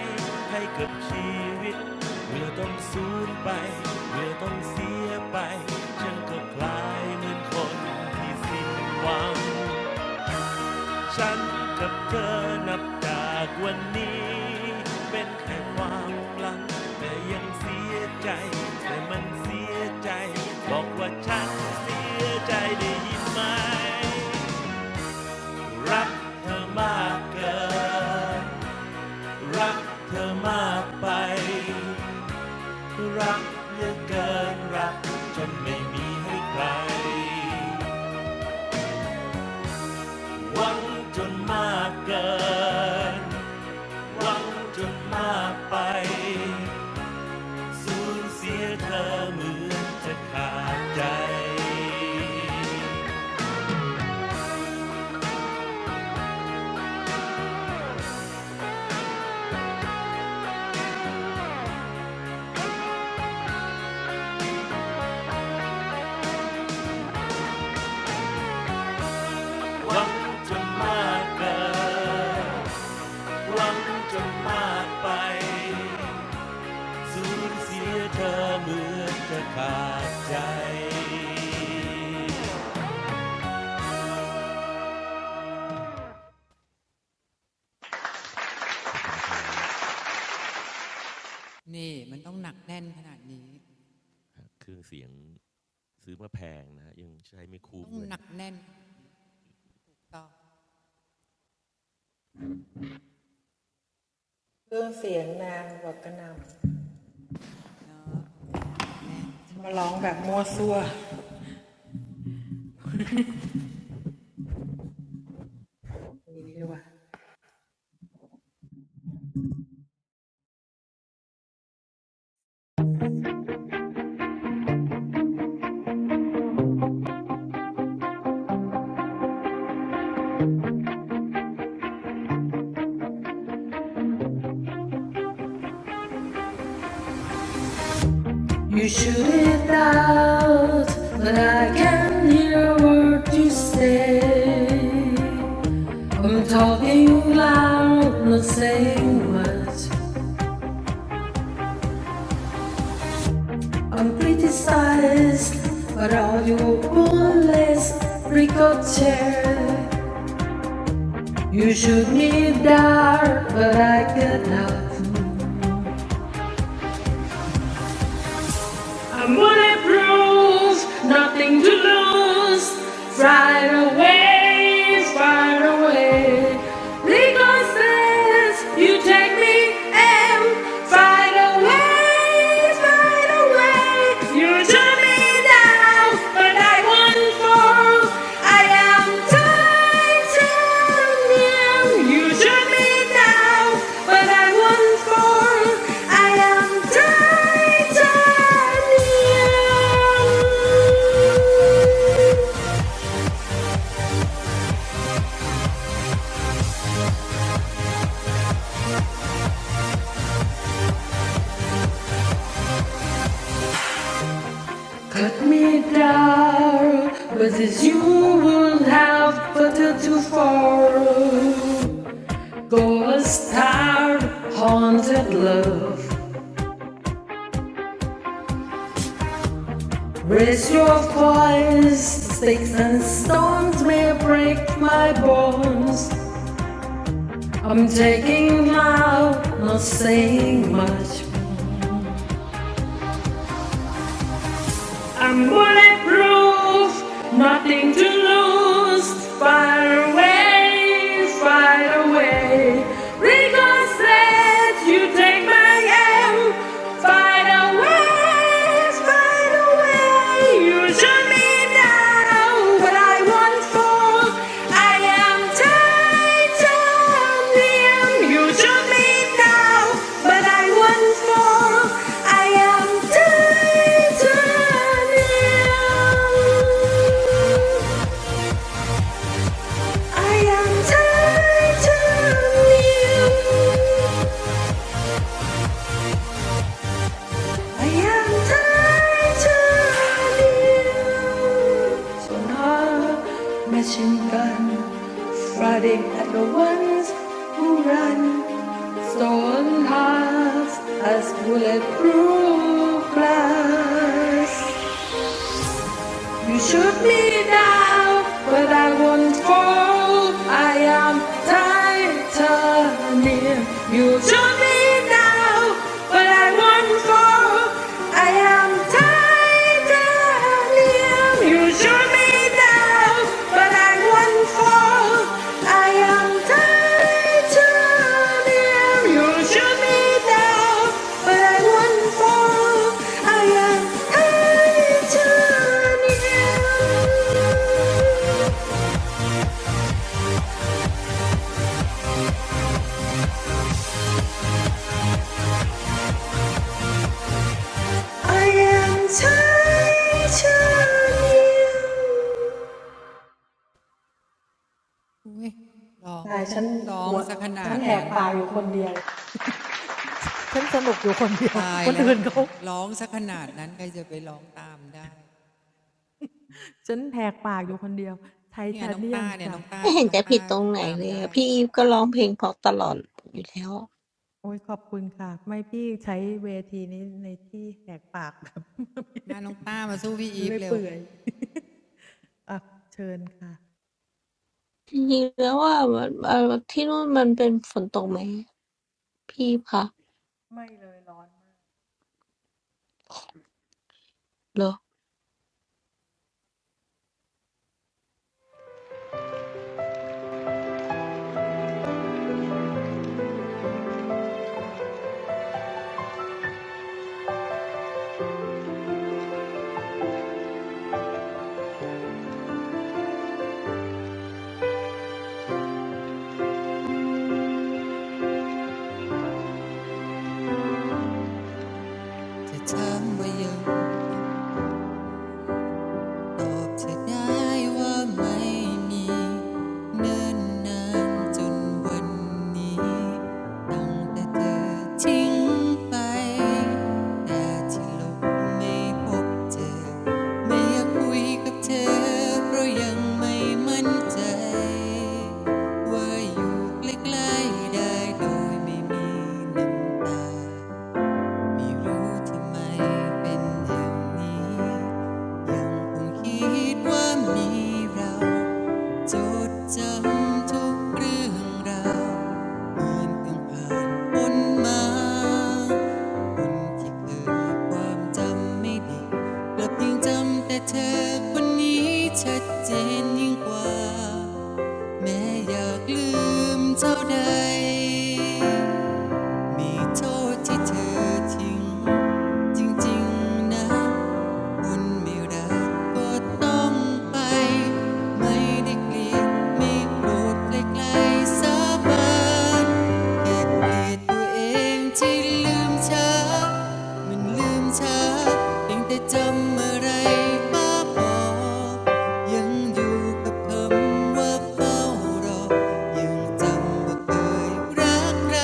S3: ให้กับชีวิตเมื่อต้องสูญไปเมื่อต้องเสียไปฉันก็คลายเหมือนคนที่สิ้นหวัง ฉันกับเธอนับจากวันนี้เป็นแค่ความหลังแต่ยังเสียใจแต่มันเสียใจบอกว่าฉันเสียใจได้ยินไหมรักเธอมากเกินรักเธอมากไปรักเหลือเกินรักจนไม่มีให้ใครหวังจนมากเกิน หวังจนมากไปสูญเสียเธอเหมือนจะขาดใจหวังจนมากเกินหวังจนมากไปสูญเสียเธอเหมือนจะขาดใจขอบคุณนะครับ
S1: นี่มันต้องหนักแน่นขนาดนี้
S3: เครื่องเสียงซื้อมาแพงนะฮะยังใช้ไม่
S1: มัน
S3: คุ้ม
S1: ต้อง
S3: เลย
S1: หนั
S3: ฮะ
S1: กแน่นต่อเนาะหนักแน่น
S2: You shoot it out, but I can't hear a word you say. I'm talking loud, not saying much. Uncriticized, but all you bullets ricochet. You shoot me dark, but I cannot. I'm bulletproof, nothing to lose. Fire away, fire away. Ricochet, you take me and Fire away, fire away. You turn me down, but I won't fall. I am titanium. You shoot me now, but I won't fall. I am titanium. Cut me down, but as you will have but too fall. Go a star, haunted love. Raise your voice, sticks and stones may break my bones. I'm taking now, not saying much. I'm bulletproof, nothing to lose. Fire away, fire away. Because let you take my aim. Fight away, fight away. You shoot me down. what I want for. I am titanium. You shoot me now, but I want for. I am titanium. I am titanium. I am tied to you. So now, machine gun, Friday at the ones who run. Stolen hearts as bulletproof glass. You shoot me down, but I won't fall. I am titanium. You shoot me down, but I won't fall. I am titanium. You shoot me but I won't fall. I am titanium. You shoot me down, but I won't fall. I am titanium. I am titanium.
S1: อุ้ยร้องร้องซะขนาดนั้นตายแล้วร้องซะขนาดนั้นใครจะไปร้องตามได้นี่ไงน้องต้าเนี่ยน้องต้า
S4: ไม่เห็น
S1: น้อง
S4: จะผิด
S1: ต้า
S4: ตรงไหน
S1: ตาม
S4: เลย
S1: ได้
S4: อะพี่อีฟก็ร้องเพลงเพราะตลอดอยู่แล้ว
S1: มาน้องต้ามาสู้พี่อีฟเร็ว
S4: จริงๆแล้วว่ามันเอ่อที่นู่นมันเป็นฝนตกไหมพี่อีคะเหรอ
S1: จะเช้มไว้ยัง ตอบเธอได้ว่าไม่มีเนินนานจนวันนี้ตั้งแต่เธอทิ้งไปแต่ที่ลบไม่พบเจอไม่อยากคุยกับเธอเพราะยังไม่มั่นใจว่าอยู่ใกล้ๆได้โดยไม่มีน้ำตา ไม่รู้ทำไมเป็นอย่างนี้ ยังคงคิดว่ามีเราจดจำทุกเรื่องราวเหมือนเพิ่งผ่านพ้นมาคนที่เคยความจำไม่ดี กลับยังจำแต่เธอคนนี้ชัดเจนยิ่งกว่า แม้อยากลืมเท่าใด มีโทษที่เธอทิ้งจริงๆนะคุณไม่รักก็ต้องไปไม่ได้เกลียดไม่โกรธไกลๆสาบานแค่เกลียดตัวเองที่ลืมช้ามันลืมช้าเพียงแต่จำอะไรบ้าบอ ยังอยู่กับคำว่าเฝ้ารอ ยังจำว่าเคยรักไร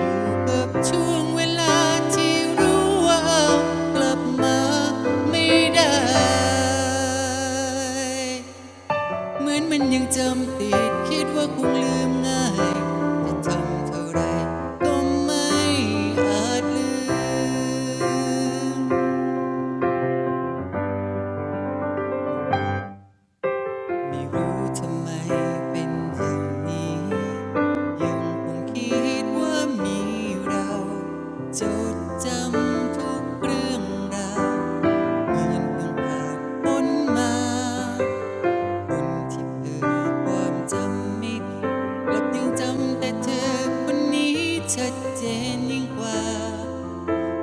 S1: อยู่กับช่วงเวลาที่รู้ว่าเากลับมาไม่ได้ เหมือนมันยังจำติดคิดว่าคงลืมง่ายจะทำเท่าไรก็ไม่อาจลืม ไม่รู้ทำไมเป็นอย่างนี้ ยังคงคิดว่ามีเราจดจำทุกเรื่องราวเหมือนเพิ่งผ่านพ้นมาคนที่เธอความจำไม่ผิดกลับยังจำแต่เธอคนนี้ชัดเจนยิ่งกว่า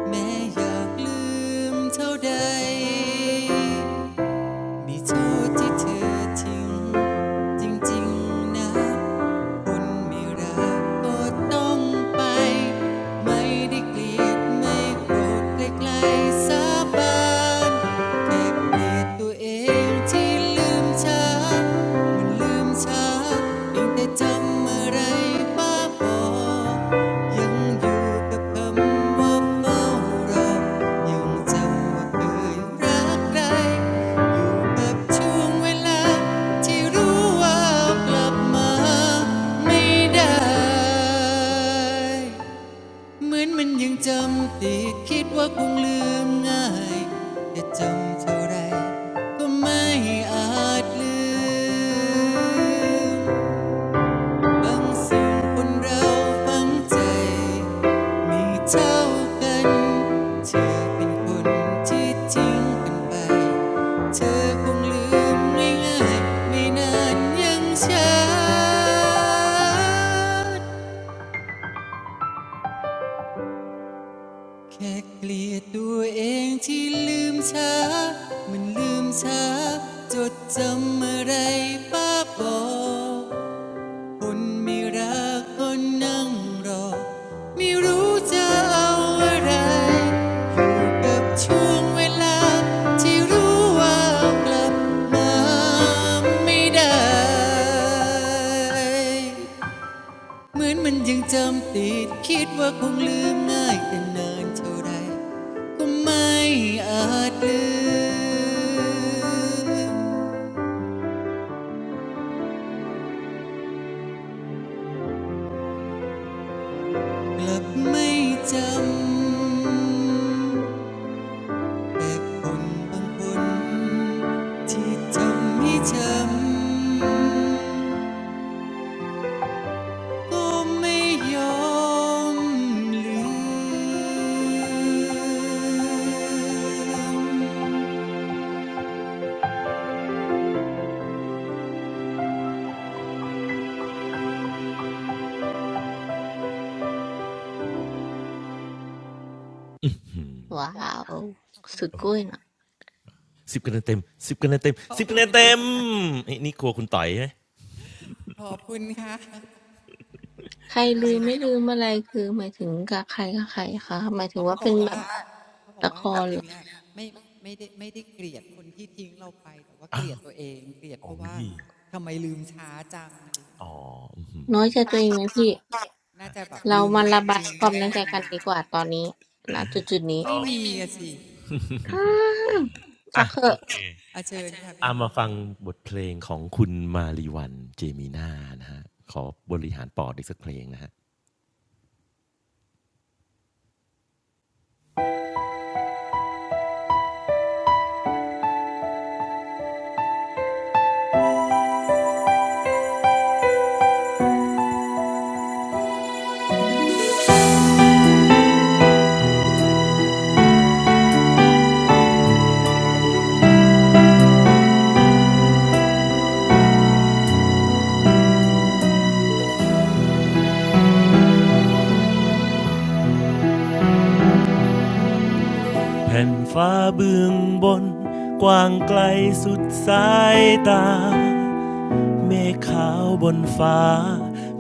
S1: แม้อยากลืมเท่าใด มีจูที่เธอทิ้งจริงๆนะคุณไม่รักก็ต้องไป ไม่ได้เกลียดไม่โกรธไกลๆสาบานแค่เกลียดตัวเองที่ลืมช้ามันลืมช้าเพียงแต่จำอะไรบ้าง ยังอยู่กับคำว่าเฝ้ารยังจำว่เยรักไรอยู่แบบช่วงเวลาที่รู้ว่ากลับมาไม่ได้ เหมือนมันยังจำติดคิดว่าคงลืมง่ายแต่จำเท่าไรก็ไม่อาจลืม บางสิ่งคนเราฟังใจมีเท่ากันเธอเป็นคนที่ริงกันไปเธอคงลืมง่ายๆไม่นานยังช้าแค่เกลียดตัวเองที่ลืมช้ามันลืมช้าจดจำอะไรป้าบอก คนไม่รักก็นั่งรอไม่รู้จะเอาอะไรอยู่กับช่วงเวลาที่รู้ว่ากลับมาไม่ได้เหมือนมันยังจำติดคิดว่าคงลืมง่ายแต่นานเท่าไรก็ไม่อาจลืมกลับไม่จำ แต่ผลบางผลที่ทำให้ชำก็ไม่ยอมลืม
S4: ว้าว
S1: ขอบคุณ
S4: สุด
S1: ค่ะ
S4: กุ้ยนะ
S3: สิบคะแนนเต็มสิบคะแนนเต็ม
S1: ขอ
S3: สิบ
S1: บ
S3: คะแนน
S1: คุณ
S3: เต็ม
S1: ค่ะ
S3: อ้นี่ครัวคุณต่อยใช่ไหม
S1: ขอบคุณค่ะ
S4: ใคร
S1: อา
S4: ลื
S1: ย
S4: ม
S1: น้อง
S4: ไม่ลืมอะไรคือหมายถึงกับใครกับใครคะหมายถึ
S1: อ๋
S4: ง
S1: อ
S4: ว่า
S1: เขาบ
S4: เป็
S1: อ
S4: น
S1: ก
S4: แบ
S1: ว่า
S4: บ
S1: เขาบอก
S4: ละค
S1: ว่าจ
S4: รเหร
S1: ริง
S4: อ
S1: ๆแล้วไม่ไม่ได้ไม่ได้เกลียดคนที่ทิ้งเราไปแต่ว่าเก
S3: อา
S1: ลียดตัวเองเกลียดเพ
S3: โอ้
S1: ราะว่า
S3: โฮ
S1: ทำไมลืมช้าจังอะไรอย่างเงี้ย
S3: อ๋ออื้อฮือ
S4: น้อยใจตัวเองไหมพี่
S1: น่าจะแบบ
S4: เรา
S1: ลืม
S4: มาระบาย
S1: ลืม
S4: ควา
S1: ได้
S4: มน้อยใจกั
S1: นา
S4: น
S1: น
S4: ดี
S1: ๆ
S4: กว่าตอนนี้ณจุดจุดนี้
S3: อ๋อ
S1: ไม่มีอะสิ
S4: อืมสั
S3: า
S4: กเถ
S3: โอ
S4: อะ
S3: เค
S1: อาเชิญค่ะพี่
S3: อา
S1: อโน
S3: มา
S1: ก
S3: ฟังบทเพลงของคุณมาลีวันเจมีน่านะครับขอบริหารปอดอีกสักเพลงนะครับแผ่นฟ้าเบื้องบนกว้างไกลสุดสายตาเมฆขาวบนฟ้า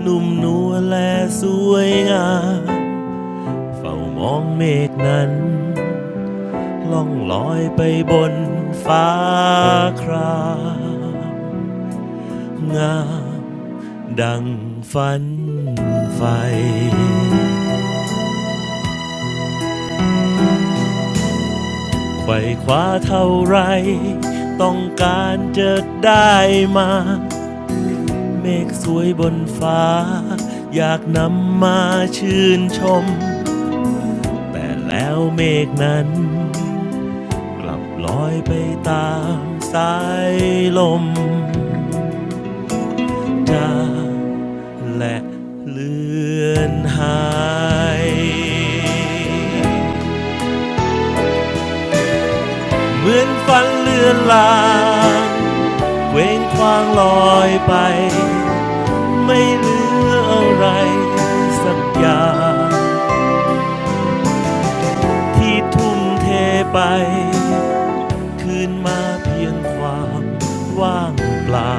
S3: นุ่มนวลและสวยงามเฝ้ามองเมฆนั้นล่องลอยไปบนฟ้าครามงาม ดังฝันไฟไขว่คว้าเท่าไรต้องการจะได้มาเมฆสวยบนฟ้าอยากนำมาชื่นชมแต่แล้วเมฆนั้นกลับลอยไปตามสายลมจางและเลือนหาย เหมือนฝันเลือนลางเว้งควางลอยไปไม่เหลืออะไรสักอย่างที่ทุ่มเทไปคืนมาเพียงความว่างเปล่า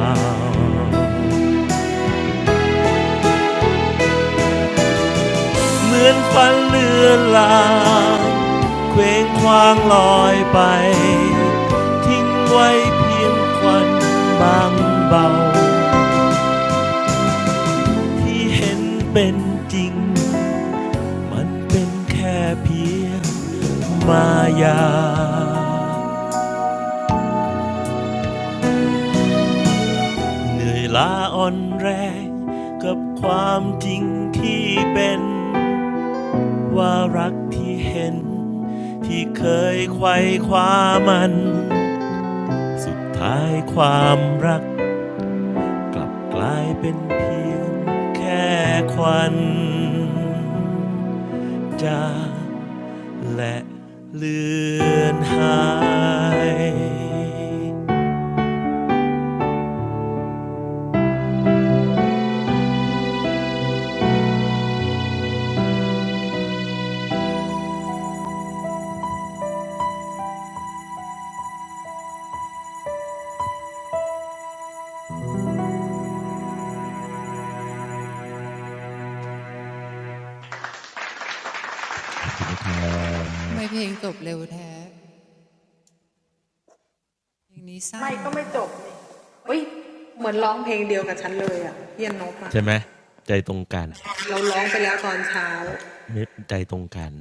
S3: เหมือนฝันเลือนลางเคว้งควางลอยไปทิ้งไว้เพียงควันบางเบาที่เห็นเป็นจริง มันเป็นแค่เพียงมายาเหนื่อยล้าอ่อนแรงกับความจริงที่เป็นว่ารักที่เห็นที่เคยไขว่คว้ามันสุดท้ายความรักกลับกลายเป็นเพียงแค่ควันจางและเลือนหาย ผิดแล้วครั
S1: ทำไม
S3: บ
S1: เพลงจบเร็วแท้เพลงนี้สั้นนะเนี่ย
S3: ใช่ไหมใจตรงกันไม่ใจตรงกัน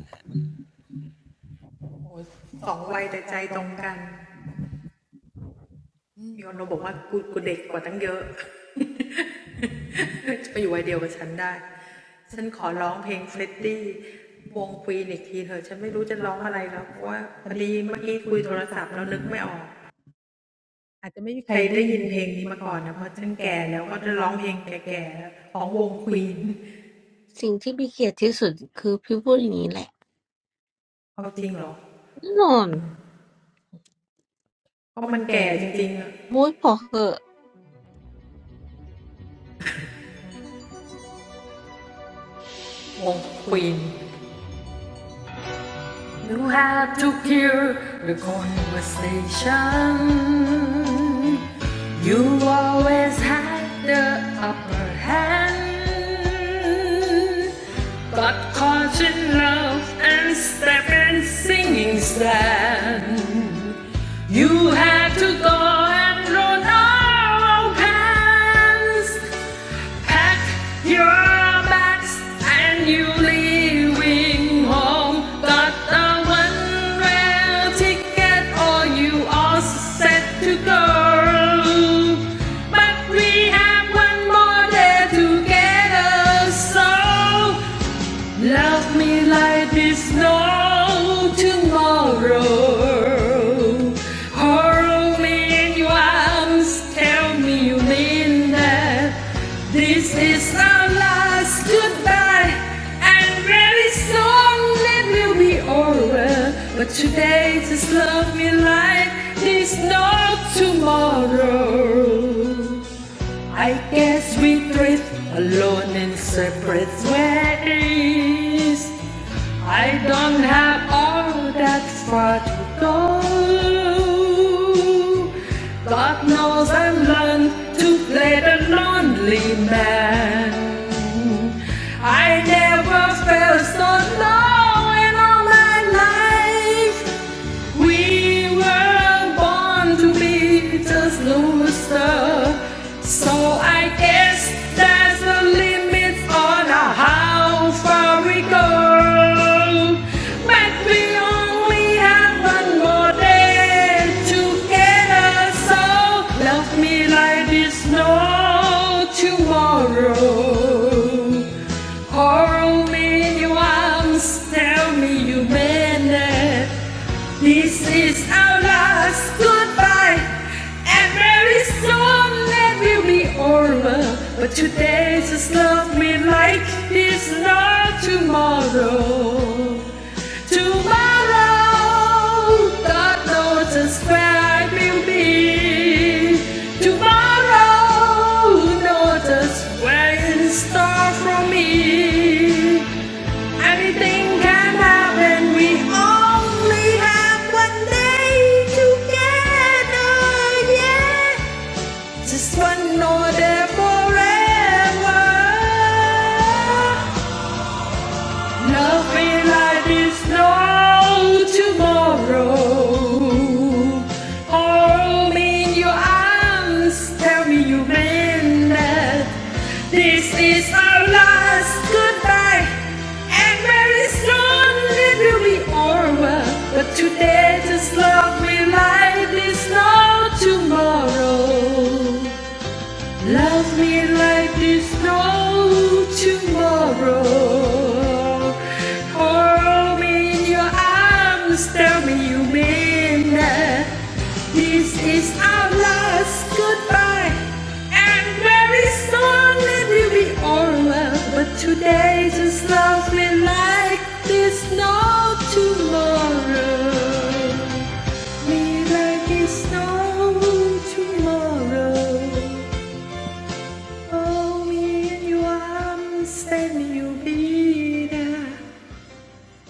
S4: สิ่งที่พี่เกลียดที่สุดคือพี่พูดอย่างนี้แหละ No, muy poco.
S2: วงควีน You had to hear the conversation. You always had the upper hand. But caught in love and step and singing stand. You had to go and load our pants. Pack your bags and you leaving home. Got the one rail ticket, or you are set to go. But we have one more day together, so Love me like this no tomorrow. Hold me in your arms, tell me you mean that. This is our last goodbye, and very soon it will be over. But today, just love me like this no tomorrow. I guess we drift alone in separate ways. I don't have all that far to go. God knows I learned to play the lonely man. I never felt so low in all my life. We were born to be just losers. So I guess there's a limit on how far we go. But we only have one more day together. So love me like there's no tomorrow. Hold me in your arms, tell me you meant it. This is our last goodbye, and very soon it will be over. But today just love me like it's not tomorrow. Tomorrow, God knows just where I will be. Tomorrow, knows just where in store for me. Anything can happen. We only have one day together. Yeah, just one more day forever. Nothing like this, no tomorrow. Hold me in your arms, tell me you meant that. This is our last goodbye, and very soon it will be over. But today, just love me like this, no tomorrow. Love me like there's no tomorrow. Hold me in your arms, tell me you mean that. This is our last goodbye, and very soon it will be all well. But today, just love me like there's no tomorrow. Me like there's no tomorrow. Hold me in your arms and you'll be there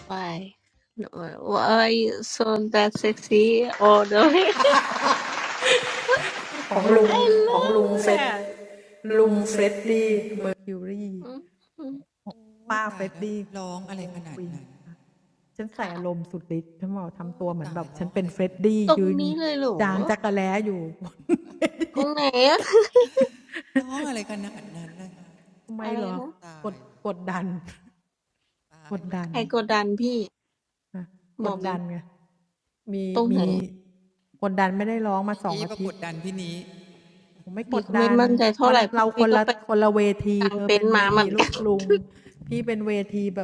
S4: Why? No, Why you so that sexy all the way? I love that. อืม
S1: โอ้ยตายแล้วร้องอะไรขนาดนั้น
S4: ครับ
S1: โอ้ตายร้องอะไรขนาดนั้น
S4: ตรงนี้เลยเหรอตรงไหนอะ
S1: ร้องอะไรขนาดนั้นนะ
S4: อะไรนะ
S1: ตายตายแล้ว
S4: ใครกดดันพี่บอกบีตรงไหน
S1: พี่อีปรากฏดันพี่นี้
S4: บีก็ไม่มั่นใจเท่าไหร่เพราะบีก็ไปกางเต็นท์มาเหมือนกัน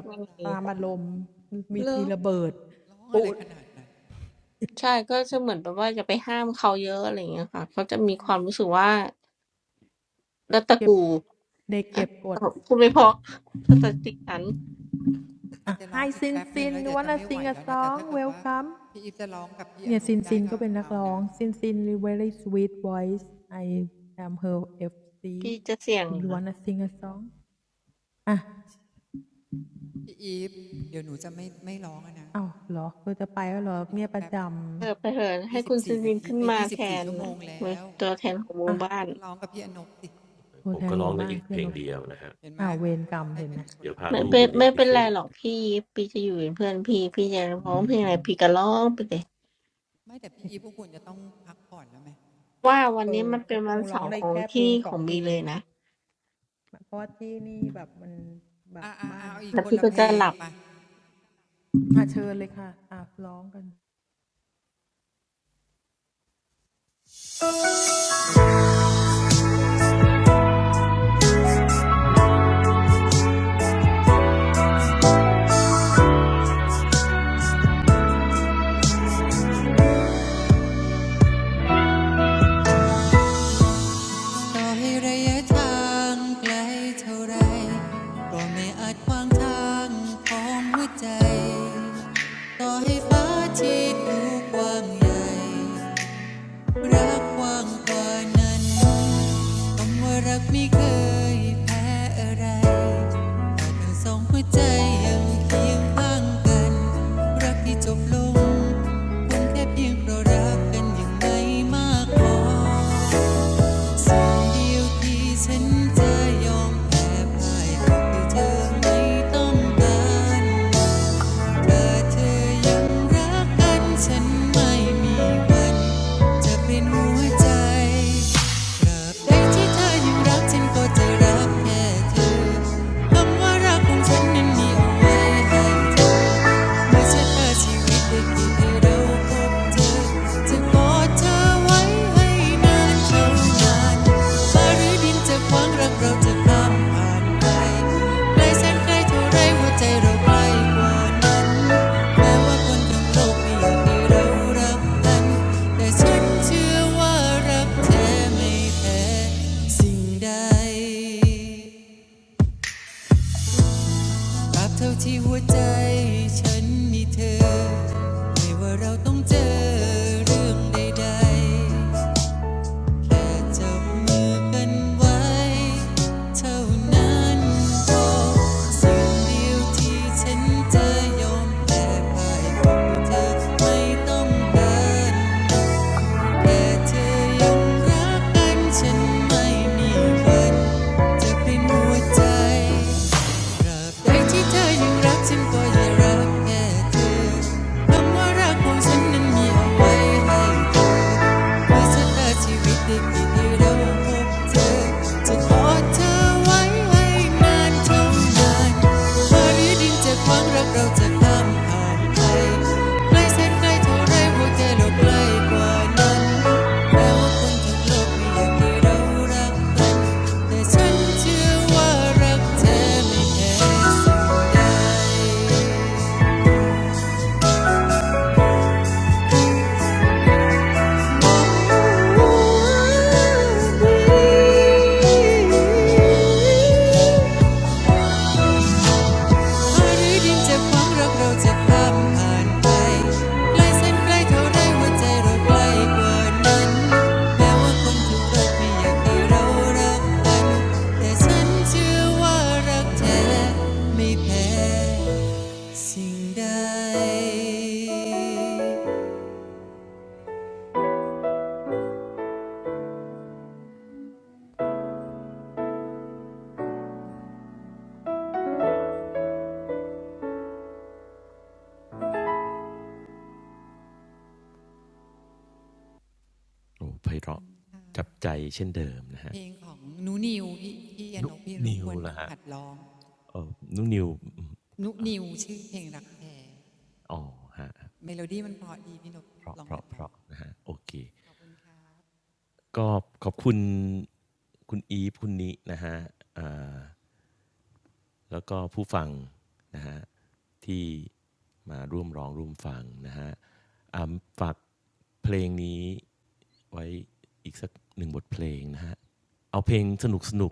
S4: ไม่มีเลอ
S1: ร้องอะไรขนาดนั้น
S4: ใช่ก็จะเหมือนแบบว่าจะไปห้ามเขาเยอะอะไรอย่างเงี้ยค่ะเขาจะมีความรู้สึกว่ารัดตะกู อ่ะคุณไม่พอถ้าตัดสินฉัน
S1: อาจจะร้องอีกแป๊บหนึ่งแล้วเดี๋ยวจะไม่ไหวแล้วนะ แต่ถ้าเกิดว่าพี่อีฟจะร้องกับพี่อโนกได้ก็เอานะ
S4: พี่จะเสี่ยงเหรอ
S1: พี่อีฟเดี๋ยวหนูจะไม่ไม่ร้องนะอีกแป๊บ
S4: เออไปเถอะให้
S1: ยี่สิ
S4: คุ
S1: บ
S4: ณซิ
S1: สี่
S4: นซิ
S1: นา
S4: น
S1: ที
S4: ขึ้น
S1: ไอ้
S4: มา
S1: ยี่สิ
S4: แท
S1: บสี่
S4: น
S1: ชั่วโม
S4: นะ
S1: งแล้
S4: เป็น
S1: ว
S4: ตัวแทนของหมู่บ้าน
S1: ก็ร้องกับพี่อนกสิเห็นไหมเขาก็ร้องได้กันอีกคนละเพล
S4: ไม่เป็น
S1: ง
S4: ไม่เป็นไรหรอกพี่พี่จะอยู่เป็นเพื่อนพี่พี่จะร้องเพลงอะไรพี่ก็ร้องไปเลย
S1: ไม่แต่พี่อีพวกคุณจะต้องพักผ่อนแล้วไหม
S4: ว่าวันนี้มันเป็นวันเสาร์ของที่ของบีเลยนะ
S1: อ่าอ่าอ่าเอาอีก
S4: แล้ว
S1: คน
S4: พี่
S1: ละ
S4: ก็
S1: เพล
S4: จะ
S1: ง
S4: หลับ
S1: ไปต่อให้ระยะทางไกลเท่าไรก็ไม่อาจขวางทางของหัวใจต่อให้ฟ้าที่ดูกว้างใหญ่ รักกว้างกว่านั้นคำว่ารักไม่เคยแพ้อะไรแต่ทั้งสองหัวใจยังเคียงข้างกันรักที่จบลงคงแค่เพียงเพราะรักกันอย่างไม่มากพอสิ่งเดียวที่ฉันจะยอมแพ้พ่ายก็คือเธอไม่ต้องการถ้าเธอยังรักกันฉันไม่มีวันจะเป็นหัวใจ ใดที่เธอยู่รักฉันก็จะรักแค่เธอคำว่ารักของฉันนั้นมีเอาไว้ให้ ไม่ใช่เออชีวิตได้กิดให้เราพบเจอจะกอดเธอไว้ให้นานเท่านานฟ้าหรือดินจะขวางรักเราจะข้ามผ่านไปไกลแสนไกลเท่าไรหัวใจเราไกลกว่านั้น แม้ว่าคนทั้งโลกไม่อยากให้เรารักกัน แต่ฉันเชื่อว่ารักแท้ไม่แพ้สิ่งใด ตราบเท่าที่หัวใจฉันมีเธอ ไม่ว่าเราต้องเจอเรื่องใดๆแค่จับมือกันไว้เท่านั้นพอสิ่งเดียวที่ฉันจะยอมแลกไปคือเธอไม่ต้องการแค่เธอยังรักกันฉันไม่มีวันจะเป็นหัวใจ ใคที่เธอยังรักฉันก็อย่ารักแค่เธอคำว่ารักของฉันนั้นมีเอาไว้ให้เพื่อชะตาชีวิตได้เกิดที่เราพบเจอจะขอเธอไว้ให้นานเท่านานฟ้าหรือดินจะขวางรักเราจะข้ามผ่านไปใกล้แสนไกลเท่าไรหัวใจเราใกล้กว่านั้นแม้ว่าคนทั้งโลกไม่อยากให้เรารักกันแต่ฉันเชื่อว่ารักแท้ไม่แพ้ ครื้อดินจ็ความรักเราจะข้ามผ่านไป ใกล้เส้นใกล้เท่าไรหัวใจเราใกล้กว่านั้น แม้ว่าคนทุกรักไม่อยากให้เรารักกันแต่ฉันเชื่อว่ารักแท้ไม่แพ้สิ่งใด
S3: โอ้ไพเราะจับใจเช่นเดิมนะฮะ
S1: เพลงของนุนิวพี่พี่อ
S3: นุ
S1: นกพี่อนก
S3: นิ
S1: ค
S3: ว
S1: วร
S3: ล่ะฮะ
S1: หัดร้อง
S3: เออนุนิวอ
S1: นุ
S3: ่
S1: นิวชื่อเพลงรักแท้
S3: อ๋อฮะ
S1: เมโลดี้มันเพราะดีพี่นก
S3: เพราะ
S1: ลอ
S3: เพ
S1: ง
S3: ราะ
S1: หัด
S3: เพ
S1: ร้อง
S3: ราะนะฮะโอเค
S1: ขอบคุณครับ
S3: ก็ขอบคุณคุณอีฟคุณนินะฮะแล้วก็ผู้ฟังนะฮะที่มาร่วมร้องร่วมฟังนะฮะฝากเพลงนี้ ไว้อีกสักหนึ่งบทเพลงนะฮะ เอาเพลงสนุกสนุก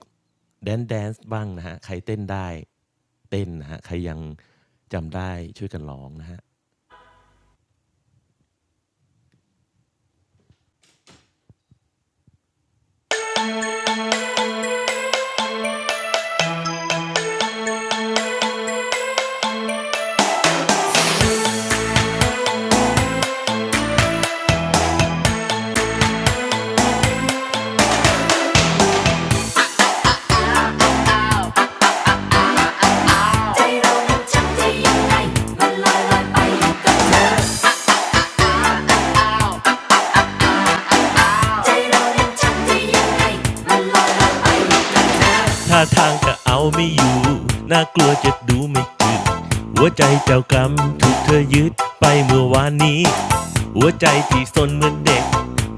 S3: แดนซ์แดนซ์บ้างนะฮะใครเต้นได้เต้นนะฮะใครยังจำได้ช่วยกันร้องนะฮะัยังไงมันลอยไป ท่าทางจะเอาไม่อยู่ น่ากลัวจะดูไม่กืดหัวใจเจ้ากรรมถูกเธอยึดไปเมื่อวานนี้ หัวใจที่สนเหมือนเด็ก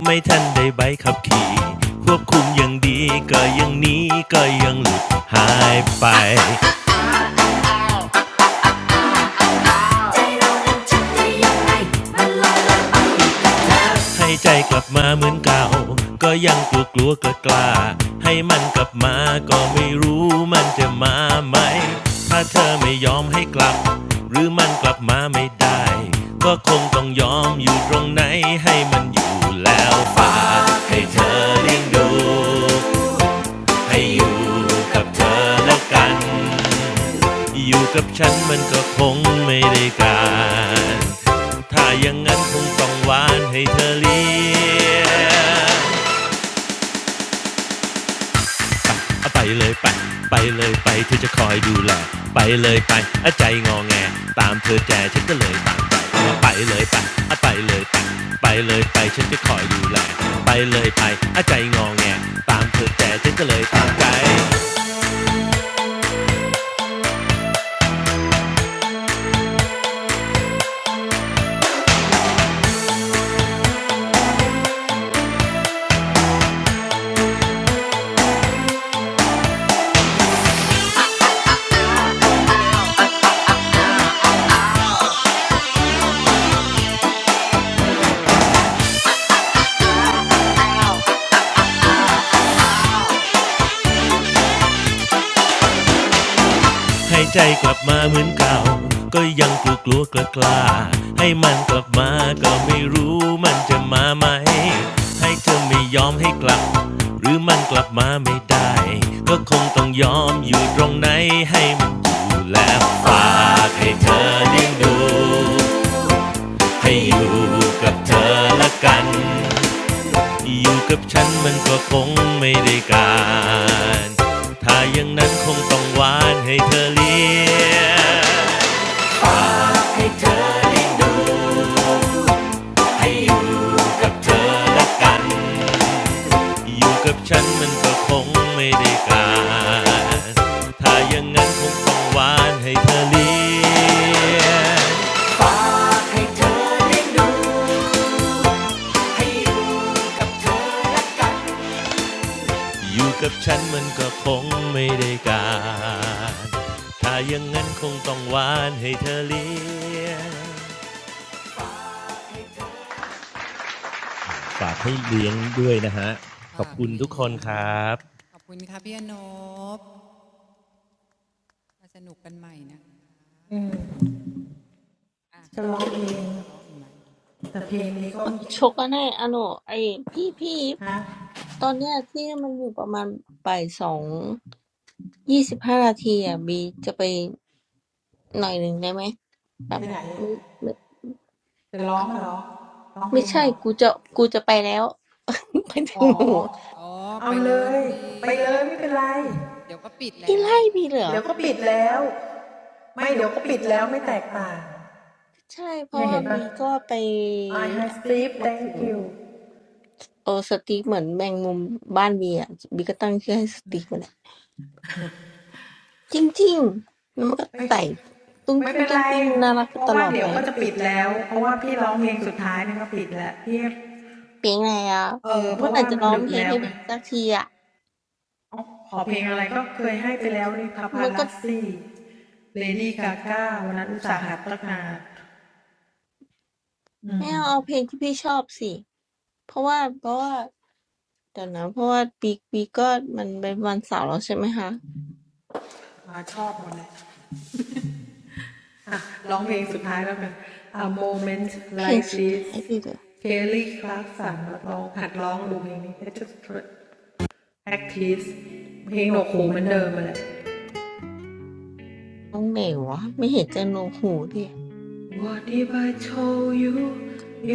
S3: ไม่ทันได้ใบขับขี่ควบคุมอย่างดีก็ยังหนี้ก็ยังหลุดหายไปได้ยังไง ให้ใจกลับมาเหมือนเก่าก็ยังกลัวกลัวกล้ากล้าให้มันกลับมาก็ไม่รู้มันจะมาไหมถ้าเธอไม่ยอมให้กลับหรือมันกลับมาไม่ได้ก็คงต้องยอมอยู่ตรงไหนให้มันอยู่แล้วฝากให้เธอเลี้ยงดูให้อยู่กับเธอแล้วกัน อยู่กับฉันมันก็คงไม่ได้การ ถ้าอย่างนั้นคงต้องหวานให้เธอเลี้ยงเอาไปเลยไป ไปเลยไปเธอจะคอยดูแลไปเลยไปอใจงอแงตามเธอแจฉันก็เลยตามไปเไปเลยไปาไปเลยไปไปเลยไปฉันจะคอยดูแลไปเลยไปใจงอแงตามเธอแจฉันก็เลยตามใจ ให้ใจกลับมาเหมือนเก่าก็ยังกลัวกลัวกล้ากล้าให้มันกลับมาก็ไม่รู้มันจะมาไหมให้เธอไม่ยอมให้กลับหรือมันกลับมาไม่ได้ก็คงต้องยอมอยู่ตรงไหนให้มันอยู่แล้วฝากให้เธอได้ดูให้อยู่กับเธอละกัน อยู่กับฉันมันก็คงไม่ได้การถ้าอย่างนั้นคงต้องหวานให้เธอเลี้ยงฝากให้เธอได้ดูให้อยู่กับเธอละกัน อยู่กับฉันมันก็คงไม่ได้การถ้าอย่างนั้นคงต้องหวานให้เธอเลี้ยงให้เธอได้ อยู่กับฉันมันก็คงไม่ได้การถ้าอย่างนั้นคงต้องหวานให้เธอเลี้ยงฝากให้เลี้ยงด้วยนะฮะขอบ
S1: ฝาก
S3: คุณทุกค
S1: เลี้ย
S3: น
S1: ง
S3: ครับ
S1: ขอบคุณครับพี่อนบมาสนุกกันใหม่นะอ่ะพี่อีเคยจะร้องอีกไหม
S4: ชกกันแน่อะโนไอ้พี่พี่ตอนเนี้ยที่มันอยู่ประมาณบ่ายสองยี่สิบห้านาทีอ่ะบีจะไป หน่อยหนึ่งได้ไหมแบบไม่ไม่ไม่ใช่กูจะกูจะไปแล้ว ไปถึงหนู
S1: อ๋อไปเลยน้องบีเดี๋ยวก็ปิด
S4: พี่
S1: แล้ว
S4: ไล่บีเหรอใช่เพราะว่าบีก็ไปอะไรสักบางสิ่งโออสติกเหมือนแมงมุมบ้านบีอ่ะบีก็ตั้งชื่อให้สติกมันอะจริงๆแล้วมันก็ไต่ตุ้งติ้งตุ้งติ้ง
S2: เฮ้ยไม่เป็นไร
S4: น่ารักไปตลอดไป
S2: เพราะว่าเดี๋ยวก็จะปิดแล้วเพราะว่าพี่ร้องเพลงสุดท้ายนี่ก็ปิดแล้วพี่เออ
S4: เปียงไงอ่ะเมื่อไหร่จะร้องเพลงให้บีสักทีอ่ะมันก็ไม่เอาเอาเพลงที่พี่ชอบสิเพราะว่าเพราะว่า เดี๋ยวนะเพราะว่าปีปีก็มันเป็นวันเสาร์แล้วใช่ไหมคะ
S2: A moment
S4: เพลง
S2: like
S4: สุดท้าย
S2: this
S4: ดิเดี๋ยว
S2: เคลลี่คลาร์กสันนักร้องหัดร้องดูเพลงนี้ แพ็กทิสเพลงหนวกหูเหมือนเดิมมาแหละ
S4: ต้องไหนวะไม่เห็นจะโนหูดิ
S2: What if I told you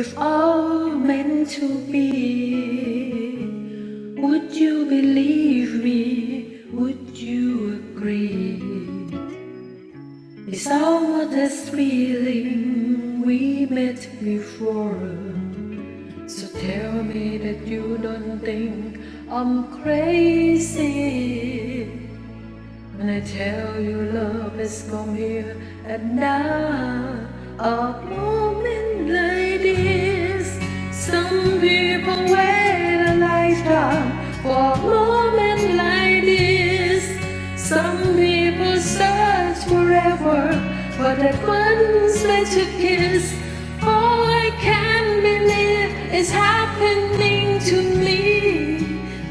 S2: if all meant to be Would you believe me Would you agree It's all what this feeling we met before So tell me that you don't think I'm crazy When I tell you love has come here and now, a moment like this. Some people wait a lifetime for a moment like this. Some people search forever for that one special kiss. Oh, I can't can't believe it's happening to me.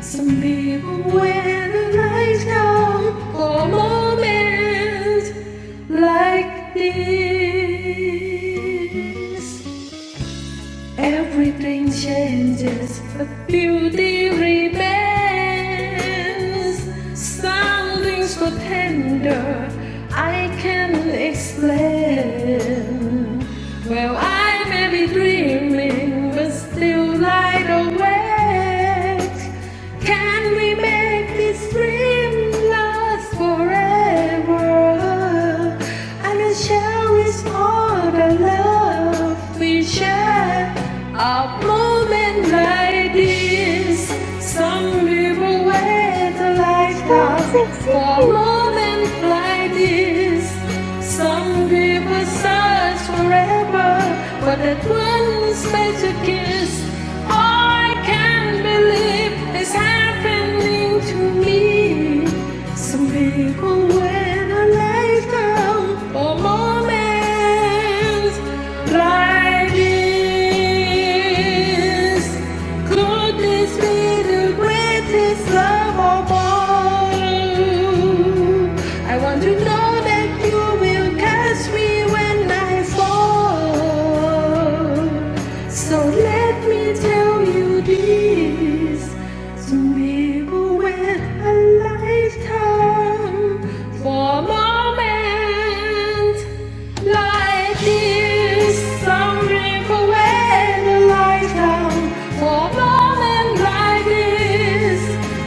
S2: Some people wear the lights down for moments like this. Everything changes, but beauty remains. Something so tender, I can't explain. Well, I may be dreaming, but still light awake. Can we make this dream last forever? And I'll cherish all the love we share our moments like this. Some people wait a lifetime for a moment like this. Some people search forever for that one only space to kiss. I can't believe it's happening to me. Some people wait a lifetime for moments like this is. Goodness be the greatest of all. I want to know that you will catch me when I fall. So let me tell you this. Some people wait a lifetime for a moment. Like years, some drink away the lifetime For a moment like this,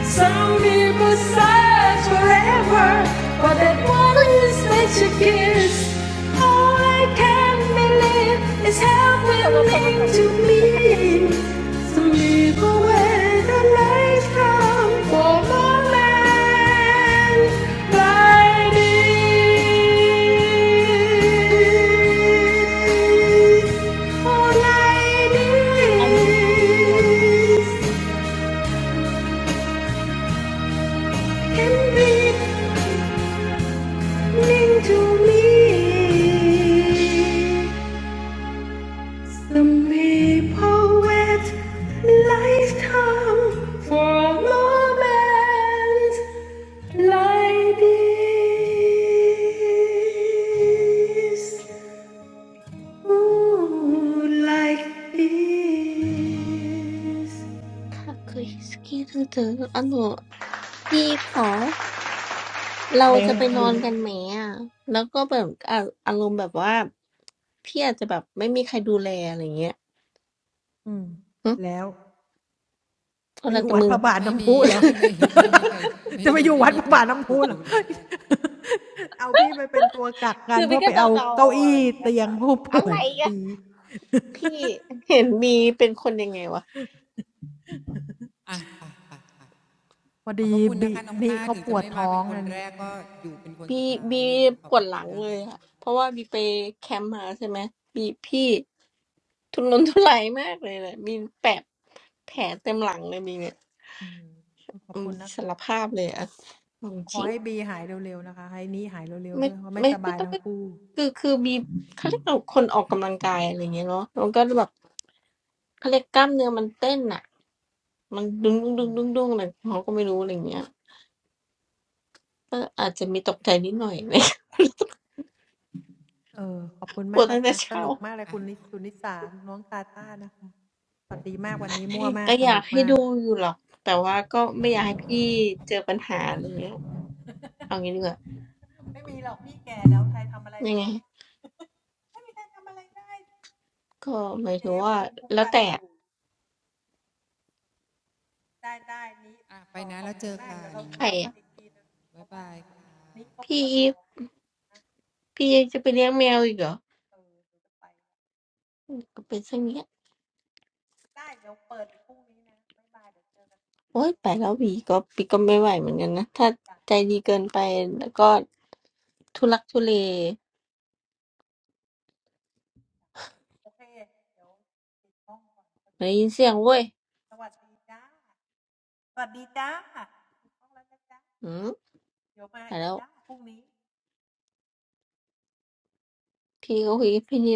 S2: some people search forever for that one that you kiss. All I can believe is
S4: มอตโมโตมอตโต
S2: happening
S4: มอตโตทักไกชิ
S2: to me. Sweep away the rain from former lands by these. Oh,
S4: อันนี้มันเกิน
S2: ladies, and be to me. Some people wait a lifetime for a moment like this. Ooh, like this.
S4: ค่ะคือฮิสกี้เธอเธออันหนูพี่คะเราจะไป
S2: Thank
S4: นอน
S2: you.
S4: กันไหมอ่ะแล้วก็แบบอ่ะอารมณ์แบบว่าพี่อาจจะแบบไม่มีใครดูแลอะไรเงี้ยหึโทษนะแต่มึง
S1: ไม่มีไม่ไม่มีใครไม่มีไม่มีใครถูกดูแล
S4: คือพี่ก็เดาๆอะไรอย่างเงี้ยค่ะอะไรอะพี่เห็นมีเป็นคนยังไงวะ
S1: ขอบพระคุณนะคะน้องต้าถึงจะไม่มาเป็นคนแรกก็อยู่เป็นคน
S4: บี
S1: สุดท้าย
S4: บี
S1: เลยขอ
S4: ป
S1: บพ
S4: วด
S1: ระ
S4: ห
S1: คุ
S4: ลั
S1: ณ
S4: ง
S1: นะ
S4: เลย
S1: คะ
S4: อะเพราะว่าบีไปแคมป์มาใช่ไหมบีพี่ทุรนทุรายมากเลยเลยมีแผลแผลเต็มหลังเลยมีเนี่ยอืมสารภาพเลยอะเอาจริงไม่ไม่ไม่ต้องไปคือคือบีเขาเรียกเอาคนออกกำลังกายอะไรอย่างเงี้ยเนาะแล้วก็แบบเขาเรียกกล้ามเนื้อมันเต้นอะมันดึงดึงดึงดึงดึงอะไรของเขาก็ไม่รู้อะไรอย่างเงี้ยก็อาจจะมีตกใจนิดหน่อย เลยปวดตั้งแต่เช้า
S1: อ่ะ คุณนะคะ
S4: ก็อยากให้ดูอยู่หรอก แต่ว่าก็ไม่อยากให้พี่เจอปัญหาอะไรเงี้ยเอางี้ดีกว่ายังไงก็หมายถึงว่าแล้วแต่
S1: อ่ะไปนะแล้วเจอกัน
S4: ใครอะ
S1: บ๊ายบาย
S4: พี่อีฟพี่จะไปเลี้ยงแมวอีกเหรอก็เป็นเช่นเนี้ยโอ๊ยไปแล้ววีก็ปีก็ไม่ไหวเหมือนกันนะถ้าใจดีเกินไปแล้วก็ทุลักทุเลได้ยินเสียงเว้ยอืมไปแล้วพี่ก็คุยกับพี่